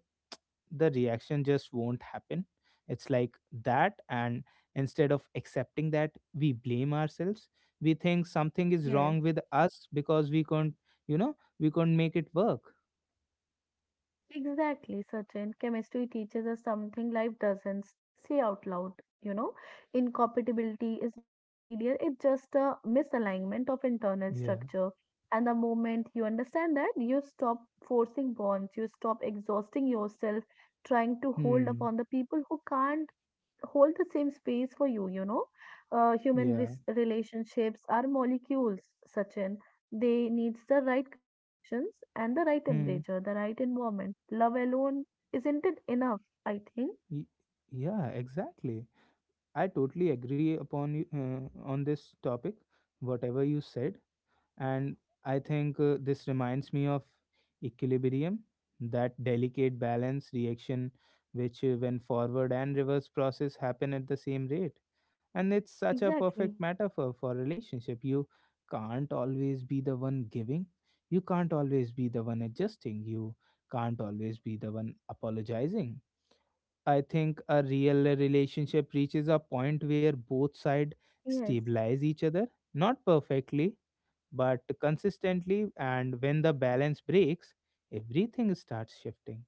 A: the reaction just won't happen. It's like that. And instead of accepting that, we blame ourselves, we think something is
B: Yes,
A: wrong with us because we can't, you know, we can't make it work.
B: exactly. Certain chemistry teaches us something life doesn't say out loud you know Incompatibility is not a failure, it's just a misalignment of internal
A: Yeah.
B: structure. And the moment you understand that, you stop forcing bonds, you stop exhausting yourself trying to hold
A: Hmm.
B: upon the people who can't hold the same space for you you know Human
A: Yeah.
B: relationships are molecules, Sachin. They needs the right conditions and the right
A: Hmm.
B: temperature, the right environment. Love alone isn't it enough, I think.
A: Y- yeah, exactly, I totally agree upon you on this topic, whatever you said. And I think this reminds me of equilibrium, that delicate balance reaction, which when forward and reverse process happen at the same rate. And it's such a perfect
B: Exactly.
A: metaphor for relationship. You can't always be the one giving, you can't always be the one adjusting, you can't always be the one apologizing. I think a real relationship reaches a point where both sides
B: Yes.
A: stabilize each other, not perfectly, but consistently. And when the balance breaks, everything starts shifting,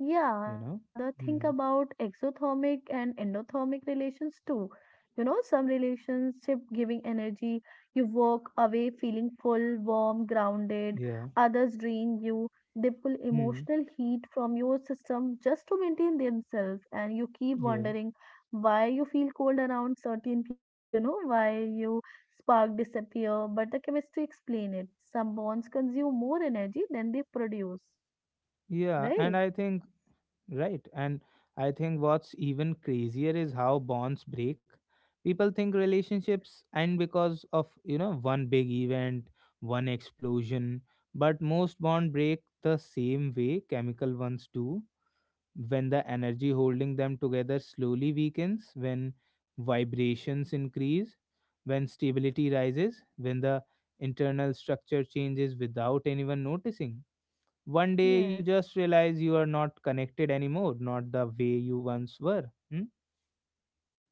B: Yeah,
A: you know?
B: and think
A: Hmm.
B: about exothermic and endothermic relations too. Some relationship giving energy, you walk away feeling full, warm, grounded.
A: Yeah.
B: Others drain you. They pull
A: Hmm.
B: emotional heat from your system just to maintain themselves, and you keep
A: Yeah.
B: wondering why you feel cold around certain people, why you spark disappear, but the chemistry explain it. Some bonds consume more energy than they produce,
A: Yeah. And
B: right?
A: I think right. And I think what's even crazier is how bonds break. People think relationships end because of, one big event, one explosion. But most bond break the same way chemical ones do. When the energy holding them together slowly weakens, when vibrations increase, when stability rises, when the internal structure changes without anyone noticing. One day you
B: Yes.
A: just realize you are not connected anymore, not the way you once were. Hmm?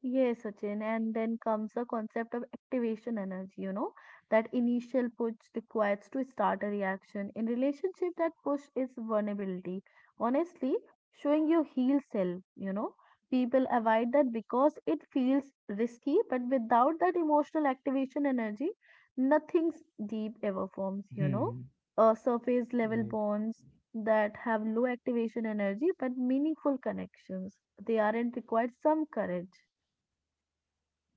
B: Yes, Sachin, and then comes the concept of activation energy, that initial push required to start a reaction. In relationship, that push is vulnerability. Honestly, showing your heel self, people avoid that because it feels risky, but without that emotional activation energy, nothing deep ever forms.
A: Hmm.
B: Surface level
A: Right.
B: bonds that have low activation energy but meaningful connections. They aren't required some courage.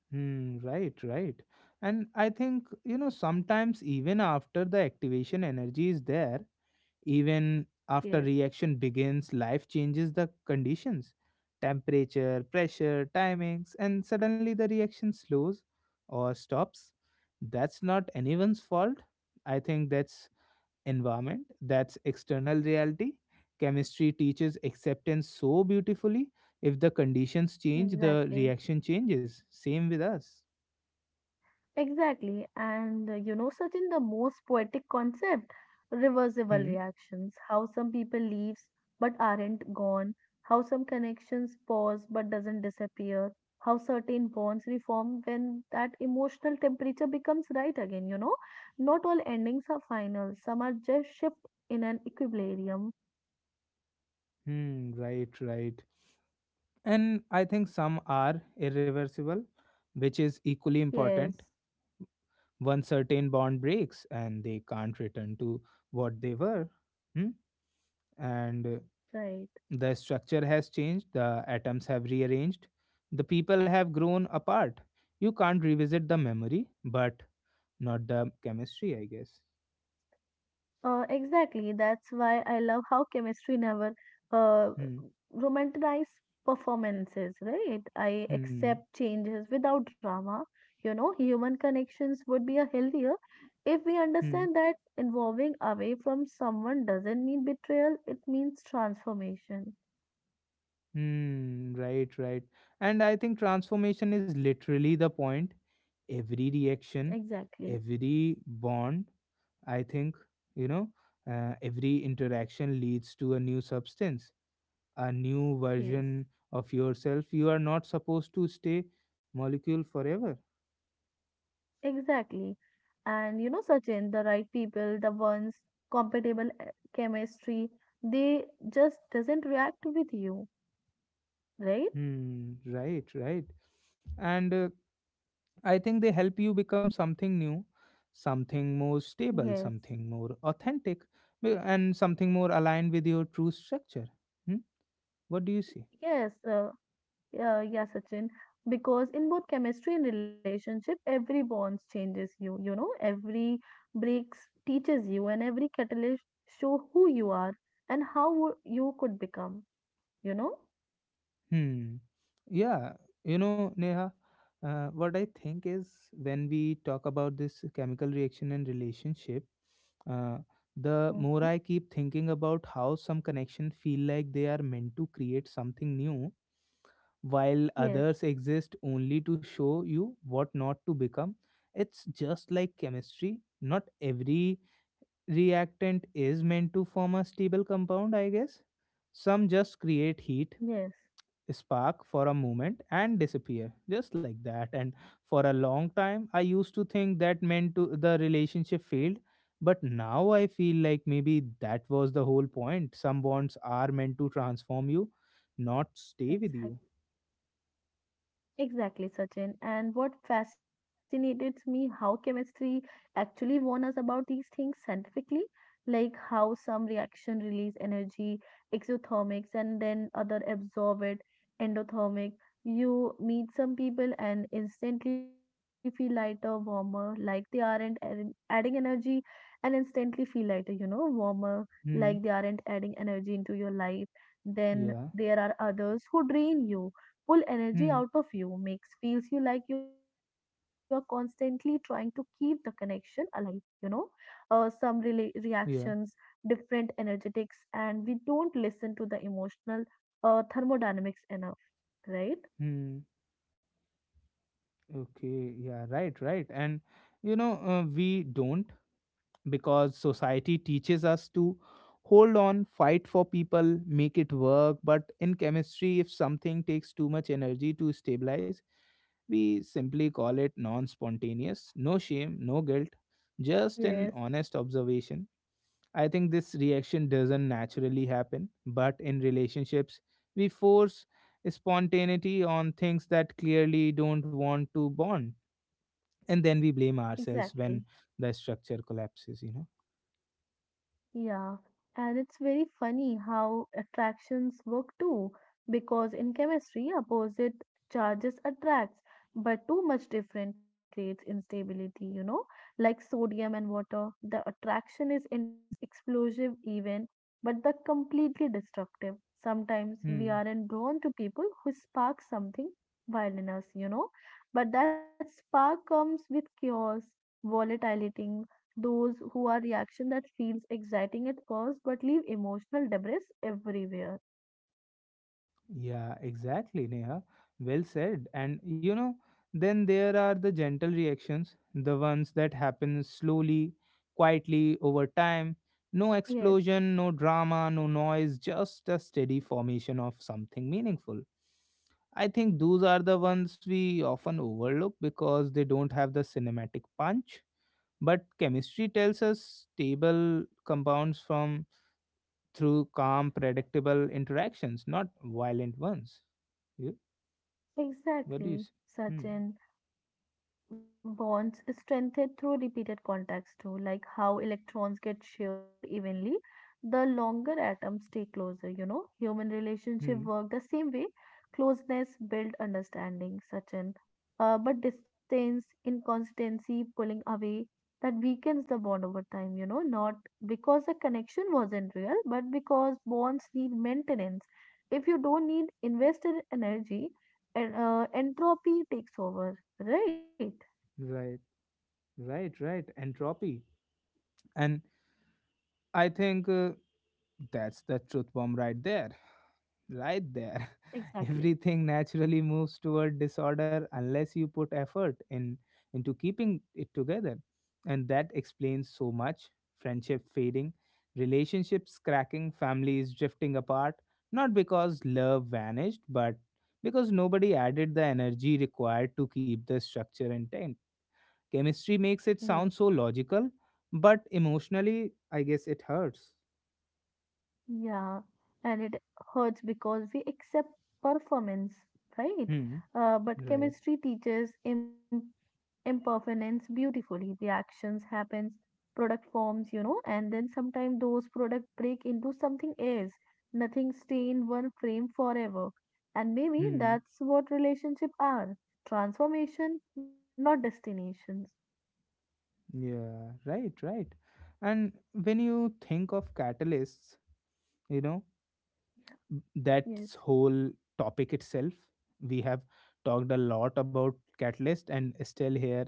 A: Hmm. Right. Right. And I think, sometimes even after the activation energy is there, even after
B: Yes,
A: reaction begins, life changes the conditions, temperature, pressure, timings, and suddenly the reaction slows or stops. That's not anyone's fault. I think that's environment, that's external reality. Chemistry teaches acceptance so beautifully. If the conditions change, the
B: exactly.
A: reaction changes, same with us.
B: Exactly. And Sachin, the most poetic concept, reversible
A: Hmm.
B: reactions, how some people leaves but aren't gone, how some connections pause but doesn't disappear, how certain bonds reform when that emotional temperature becomes right again. Not all endings are final, some are just shift in an equilibrium.
A: Hmm, right, right. And I think some are irreversible, which is equally important.
B: Yes,
A: One certain bond breaks and they can't return to what they were. Hmm? And
B: right.
A: the structure has changed, the atoms have rearranged, the people have grown apart. You can't revisit the memory, but not the chemistry, I guess.
B: Exactly. That's why I love how chemistry never uh,
A: Hmm,
B: romanticize performances, right? I
A: hmm,
B: accept changes without drama. Human connections would be a healthier if we
A: hmm,
B: understand that involving away from someone doesn't mean betrayal, it means transformation.
A: hmm, right, right. And I think transformation is literally the point. Every reaction,
B: Exactly.
A: every bond, I think, you know, every interaction leads to a new substance, a new
B: Yes.
A: version of yourself. You are not supposed to stay molecule forever.
B: Exactly. And Sachin, the right people, the ones compatible chemistry, they just doesn't react with you. Right?
A: Hmm, right, right. And I think they help you become something new, something more stable,
B: Yes,
A: something more authentic, and something more aligned with your true structure. Hmm? What do you see?
B: yes, yeah, yeah, Sachin. Because in both chemistry and relationship, every bonds changes you. Every breaks teaches you, and every catalyst show who you are and how you could become. You know.
A: Hmm. Yeah, Neha, what I think is when we talk about this chemical reaction and relationship, Uh, the more
B: Hmm.
A: I keep thinking about how some connections feel like they are meant to create something new, while
B: Yes.
A: others exist only to show you what not to become. It's just like chemistry. Not every reactant is meant to form a stable compound, I guess. Some just create heat,
B: Yes.
A: spark for a moment and disappear just like that. And for a long time I used to think that meant to the relationship failed, but now I feel like maybe that was the whole point. Some bonds are meant to transform you, not stay with
B: Exactly.
A: you.
B: Exactly, Sachin. And what fascinates me how chemistry actually warn us about these things scientifically, like how some reaction release energy, exothermics, and then other absorb it, endothermic. You meet some people and instantly feel lighter, warmer, like they aren't adding energy, and instantly feel lighter, warmer, like they
A: Hmm.
B: aren't adding energy into your life. Then
A: Yeah.
B: there are others who drain you, pull energy
A: Hmm.
B: out of you, makes feels you like you are constantly trying to keep the connection alive you know uh, some reactions
A: Yeah.
B: different energetics, and we don't listen to the emotional thermodynamics enough, right?
A: Hmm. Okay, yeah, right, right. And we don't, because society teaches us to hold on, fight for people, make it work. But in chemistry, if something takes too much energy to stabilize, we simply call it non spontaneous. No shame, no guilt, just
B: Yes,
A: an honest observation. I think this reaction doesn't naturally happen, but in relationships, we force spontaneity on things that clearly don't want to bond. And then we blame ourselves
B: exactly.
A: when the structure collapses,
B: Yeah, and it's very funny how attractions work too, because in chemistry, opposite charges attracts, but too much different creates instability, like sodium and water. The attraction is intense, explosive even, but the completely destructive. Sometimes we
A: Hmm.
B: aren't drawn to people who spark something wild in us, you know, but that spark comes with chaos, volatility, those who are reaction that feels exciting at first but leave emotional debris everywhere.
A: Yeah, exactly, Neha. Well said. And then there are the gentle reactions, the ones that happen slowly, quietly over time. No
B: Yes,
A: explosion, no drama, no noise, just a steady formation of something meaningful. I think those are the ones we often overlook because they don't have the cinematic punch. But chemistry tells us stable compounds from through calm, predictable interactions, not violent ones. You, what do you
B: exactly,
A: say? Hmm,
B: Sachin. Bonds strengthened through repeated contacts too, like how electrons get shared more evenly the longer atoms stay closer. You know, human relationship
A: hmm,
B: work the same way. Closeness build understanding such an but distance inconsistency pulling away that weakens the bond over time, you know, not because the connection wasn't real but because bonds need maintenance. If you don't need invested energy, and entropy takes over, right?
A: right, right, right. Entropy. And I think that's the truth bomb right there. Right there.
B: Exactly.
A: Everything naturally moves toward disorder unless you put effort in into keeping it together. And that explains so much. Friendship fading, relationships cracking, families drifting apart, not because love vanished, but because nobody added the energy required to keep the structure intact. Chemistry makes
B: Yes.
A: it sound so logical, but emotionally, I guess it hurts.
B: Yeah. And it hurts because we accept performance, right?
A: Hmm.
B: But
A: Right.
B: chemistry teaches impermanence beautifully. Reactions happens, product forms, you know, and then sometimes those product break into something else. Nothing stay in one frame forever. And maybe
A: Hmm.
B: that's what relationship are. Transformation, not destinations.
A: Yeah, right, right. And when you think of catalysts, you know,
B: Yes.
A: that's whole topic itself. We have talked a lot about catalyst and still here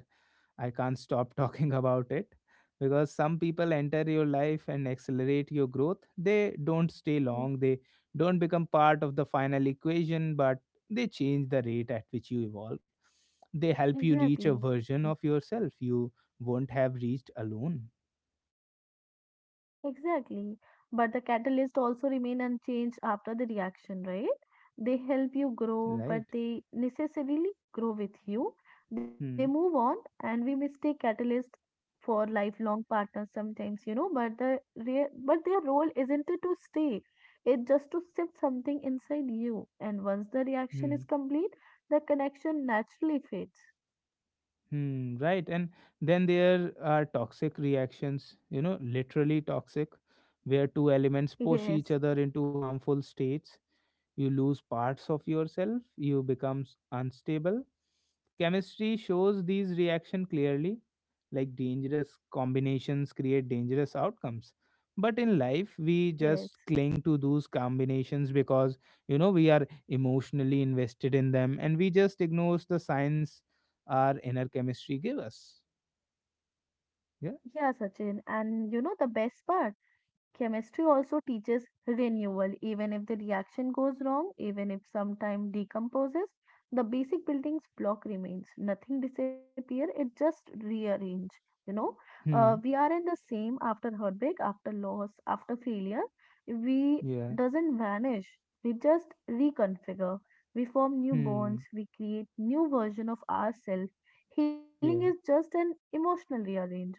A: I can't stop talking about it, because some people enter your life and accelerate your growth. They don't stay
B: e-
A: long, they don't become part of the final equation, but they change the rate at which you evolve. They help you reach a
B: Exactly.
A: version of yourself you won't have reached alone.
B: Exactly. But the catalyst also remain unchanged after the reaction, right? They help you grow, but
A: Right.
B: they necessarily grow with you. They move
A: Hmm.
B: on, and we mistake catalyst for lifelong partners sometimes, you know, but but their role isn't to stay. It's just to shift something inside you. And once the reaction
A: Hmm.
B: is complete, the connection naturally fades.
A: Hmm, right. And then there are toxic reactions, literally toxic, where two elements push
B: Yes,
A: each other into harmful states. You lose parts of yourself, you become unstable. Chemistry shows these reaction clearly, like dangerous combinations create dangerous outcomes. But in life, we
B: yes.
A: just cling to those combinations because, we are emotionally invested in them and we just ignores the science our inner chemistry give us.
B: Yeah,
A: Yeah.
B: Sachin. And you know the best part? Chemistry also teaches renewal. Even if the reaction goes wrong, even if sometime decomposes, the basic building's block remains. Nothing disappear. It just rearrange. You know, we
A: Hmm.
B: are in the same after heartbreak, after loss, after failure. We
A: Yeah.
B: doesn't vanish. We just reconfigure. We form new
A: Hmm.
B: bonds. We create new version of ourselves. Healing is
A: Yeah.
B: just an emotional rearrangement.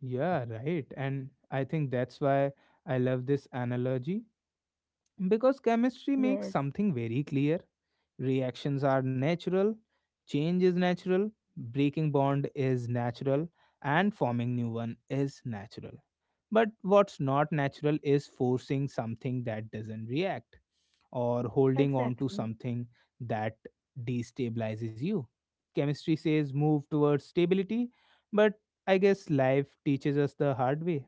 A: Yeah. Right. And I think that's why I love this analogy, because chemistry makes
B: Yes,
A: something very clear. Reactions are natural, change is natural, breaking bond is natural, and forming new one is natural. But what's not natural is forcing something that doesn't react or holding on to
B: exactly.
A: something that destabilizes you. Chemistry says move towards stability, but I guess life teaches us the hard way.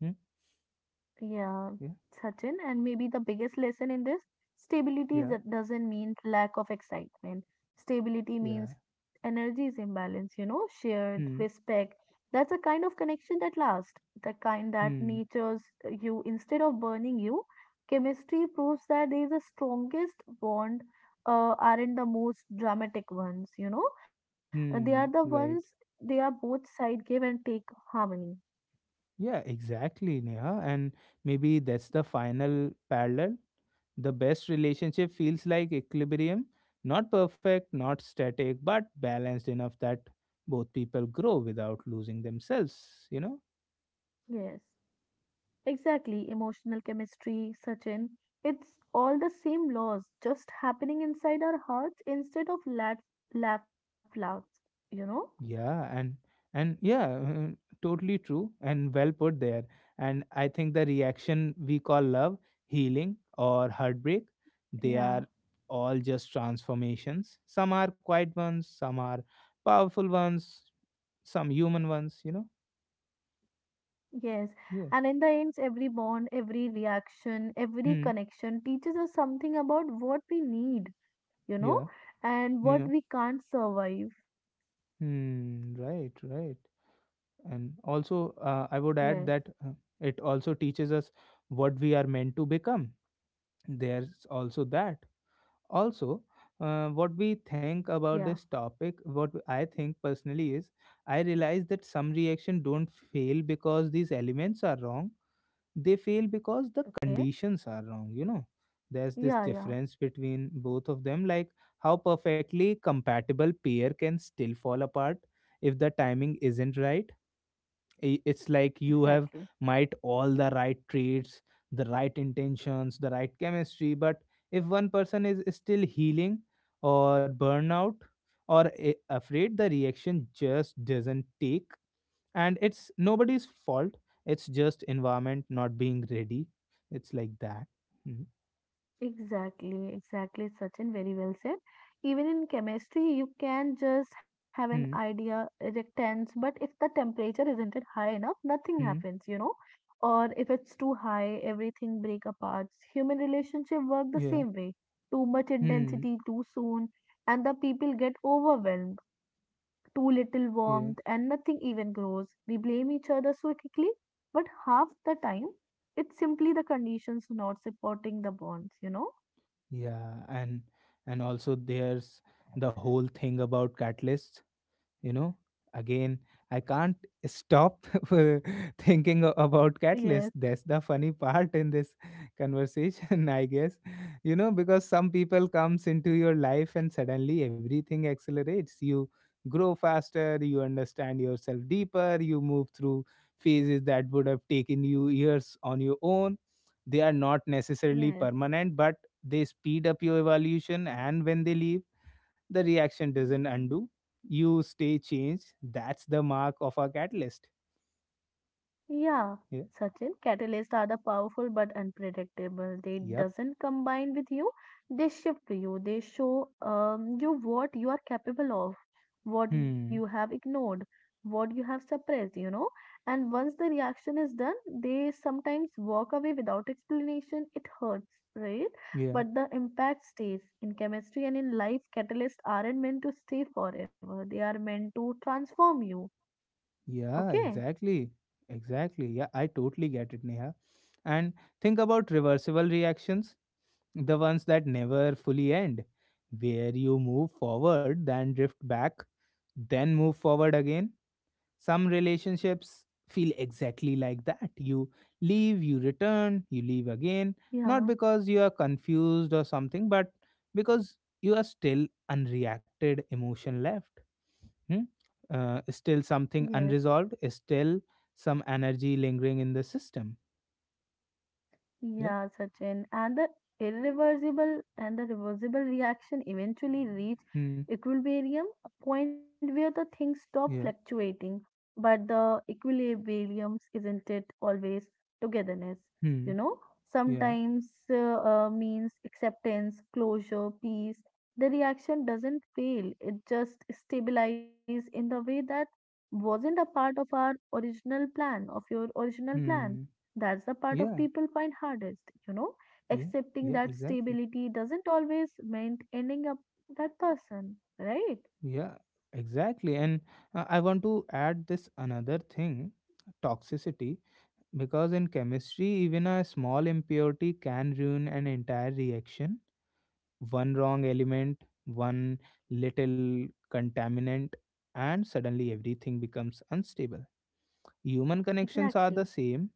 A: Hmm?
B: Yeah,
A: Yeah,
B: Sachin, and maybe the biggest lesson in this stability is
A: yeah,
B: that doesn't mean lack of excitement. Stability
A: yeah.
B: means energy is imbalance, you know, shared
A: Hmm,
B: respect. That's a kind of connection that lasts, the kind that
A: hmm,
B: nurtures you instead of burning you. Chemistry proves that there is the strongest bond aren't the most dramatic ones, you know. They are the
A: hmm.
B: ones
A: Right.
B: they are both side give and take harmony.
A: Yeah, exactly, Neha. And maybe that's the final parallel. The best relationship feels like equilibrium, not perfect, not static, but balanced enough that both people grow without losing themselves,
B: Yes. Exactly, emotional chemistry, Sachin. It's all the same laws just happening inside our hearts instead of laugh laughs, you know?
A: Yeah, and yeah, mm, totally true and well put there. And I think the reaction we call love, healing or heartbreak, they
B: Yeah,
A: are all just transformations. Some are quiet ones, some are powerful ones, some human ones,
B: yes. And
A: Yeah.
B: in the end, every bond, every reaction, every
A: Hmm.
B: connection teaches us something about what we need, you know,
A: Yeah.
B: and what
A: Yeah.
B: we can't survive.
A: Hmm, right, right. And also, I would
B: Yes,
A: add that it also teaches us what we are meant to become. There's also that. Also, what we think about
B: yeah,
A: this topic, what I think personally is, I realize that some reaction don't fail because these elements are wrong, they fail because the
B: okay.
A: conditions are wrong, there's this
B: Yeah, yeah,
A: difference between both of them, like how perfectly compatible pair can still fall apart if the timing isn't right. It's like you have
B: exactly.
A: might all the right traits, the right intentions, the right chemistry, but if one person is still healing or burnout or afraid, the reaction just doesn't take. And it's nobody's fault, it's just environment not being ready. It's like that. Mm,
B: Exactly, exactly, Sachin, very well said. Even in chemistry, you can just have an
A: mm,
B: idea, reactants, but if the temperature isn't it high enough, nothing
A: mm,
B: happens, you know. Or if it's too high, everything break apart. Human relationship work the
A: yeah,
B: same way. Too much
A: mm,
B: intensity too soon, and the people get overwhelmed. Too little warmth,
A: yeah,
B: and nothing even grows. We blame each other so quickly, but half the time, it's simply the conditions not supporting the bonds, you know.
A: yeah. And also there's the whole thing about catalysts, you know again, I can't stop thinking about
B: Yes,
A: catalyst. That's the funny part in this conversation, I guess. Because some people comes into your life and suddenly everything accelerates. You grow faster, you understand yourself deeper, you move through phases that would have taken you years on your own. They are not necessarily
B: yes.
A: permanent, but they speed up your evolution, and when they leave, the reaction doesn't undo. You stay changed. That's the mark of a catalyst.
B: Yeah,
A: Yeah.
B: Sachin, catalysts are the powerful but unpredictable. They
A: Yep.
B: doesn't combine with you. They shift to you. They show you what you are capable of, what you have
A: Hmm.
B: ignored, what you have suppressed, you know. And once the reaction is done, they sometimes walk away without explanation. It hurts, right? But
A: Yeah.
B: the impact stays. In chemistry and in life, catalysts aren't meant to stay forever. They are meant to transform you.
A: Yeah.
B: Okay?
A: Exactly. Exactly. Yeah. I totally get it, Neha. And think about reversible reactions, the ones that never fully end, where you move forward, then drift back, then move forward again. Some relationships feel exactly like that. You leave, you return, you leave again,
B: Yeah,
A: not because you are confused or something, but because you are still unreacted emotion left. Hmm? Still
B: yes,
A: something unresolved, still some energy lingering in the system. Yeah.
B: yeah, Sachin. And the irreversible and the reversible reaction eventually reach
A: Hmm.
B: equilibrium, a point where the things stop
A: Yeah.
B: fluctuating. But the equilibrium isn't it always togetherness, you
A: Hmm.
B: know?
A: Yeah.
B: Sometimes means acceptance, closure, peace. The reaction doesn't fail, it just stabilizes in the way that wasn't a part of our original plan, of your original plan.
A: Hmm.
B: That's the part of
A: Yeah.
B: people find hardest, you know,
A: Yeah.
B: accepting
A: Yeah.
B: that
A: Exactly.
B: stability doesn't always meant ending up that person, right?
A: Yeah, exactly. And I want to add this another thing, toxicity, because in chemistry, even a small impurity can ruin an entire reaction. One wrong element, one little contaminant, and suddenly everything becomes unstable. Human connections are
B: Exactly.
A: the same.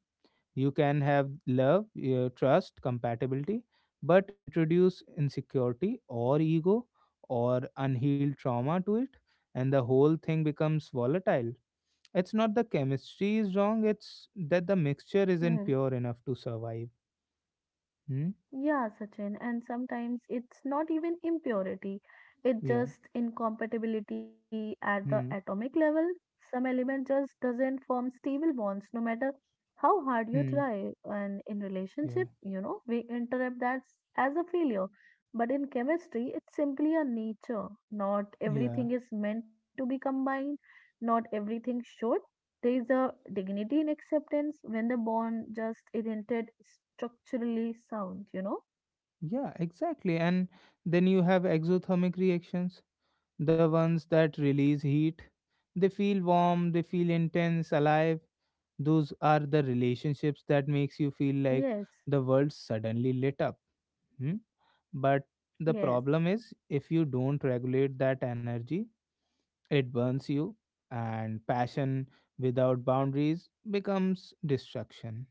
A: You can have love, trust, compatibility, but introduce insecurity or ego or unhealed trauma to it, and the whole thing becomes volatile. It's not the chemistry is wrong, it's that the mixture
B: Hmm.
A: isn't pure enough to survive. Hmm?
B: Yeah, Sachin, and sometimes it's not even impurity, it's
A: Yeah.
B: just incompatibility at the
A: Hmm.
B: atomic level. Some element just doesn't form stable bonds no matter how hard you
A: Hmm.
B: try. And in
A: Yeah.
B: relationship, you know, we interrupt as a failure. But in chemistry, it's simply a nature. Not
A: Yeah.
B: everything is meant to be combined, not everything should. There is a dignity in acceptance when the bond just isn't structurally sound, you know?
A: Yeah, exactly. And then you have exothermic reactions, the ones that release heat. They feel warm, they feel intense, alive. Those are the relationships that makes you feel like
B: Yes,
A: the world suddenly lit up. Hmm? But the
B: yes.
A: problem is if you don't regulate that energy, it burns you, and passion without boundaries becomes destruction.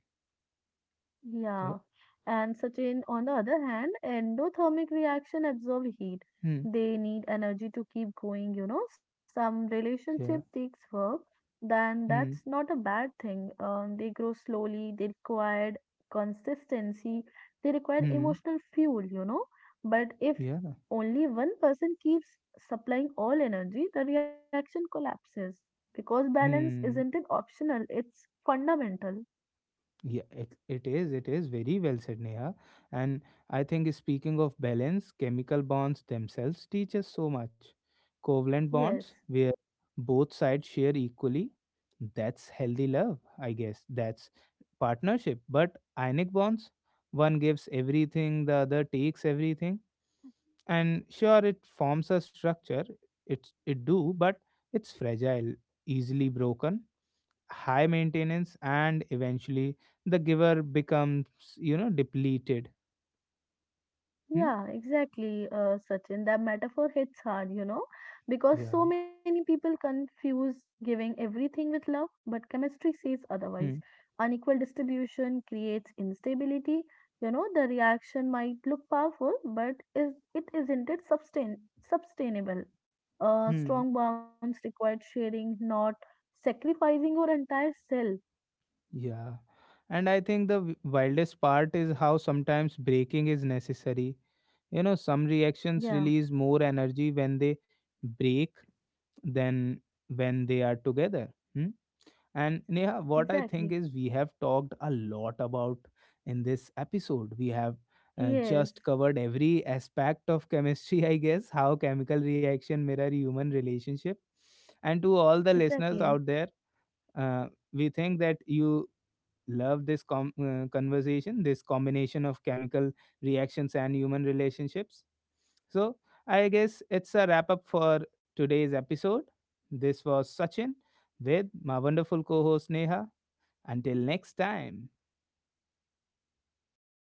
B: Yeah,
A: Yeah.
B: and certain, on the other hand, endothermic reaction absorb heat.
A: Hmm.
B: They need energy to keep going, you know. Some relationship
A: Yeah.
B: takes work, then that's
A: Hmm.
B: not a bad thing. They grow slowly, they require consistency, they require
A: Hmm.
B: emotional fuel, you know. But if
A: Yeah.
B: only one person keeps supplying all energy, the reaction collapses because balance isn't an
A: Hmm.
B: optional, it's fundamental.
A: Yeah, it is, it is very well said, Neha. And I think, speaking of balance, chemical bonds themselves teach us so much. Covalent
B: Yes.
A: bonds, where both sides share equally, that's healthy love, I guess, that's partnership. But ionic bonds, one gives everything, the other takes everything, and sure it forms a structure, it do, but it's fragile, easily broken, high maintenance, and eventually the giver becomes, depleted. Hmm?
B: Yeah, exactly, Sachin. That metaphor hits hard, you know, because
A: Yeah.
B: so many people confuse giving everything with love, but chemistry says otherwise.
A: Hmm.
B: Unequal distribution creates instability. You know, the reaction might look powerful, but is it isn't it sustain sustainable.
A: Hmm.
B: Strong bonds require sharing, not sacrificing your entire self.
A: Yeah. And I think the wildest part is how sometimes breaking is necessary. You know, some reactions
B: Yeah,
A: release more energy when they break than when they are together. Hmm? And Neha, what I
B: exactly.
A: think is we have talked a lot about in this episode. We have
B: Yes,
A: just covered every aspect of chemistry, I guess, how chemical reaction mirror human relationship. And to all the
B: exactly.
A: listeners out there, uh, we think that you love this conversation, this combination of chemical reactions and human relationships. So I guess it's a wrap up for today's episode. This was Sachin with my wonderful co-host Neha. Until next time.
B: Why?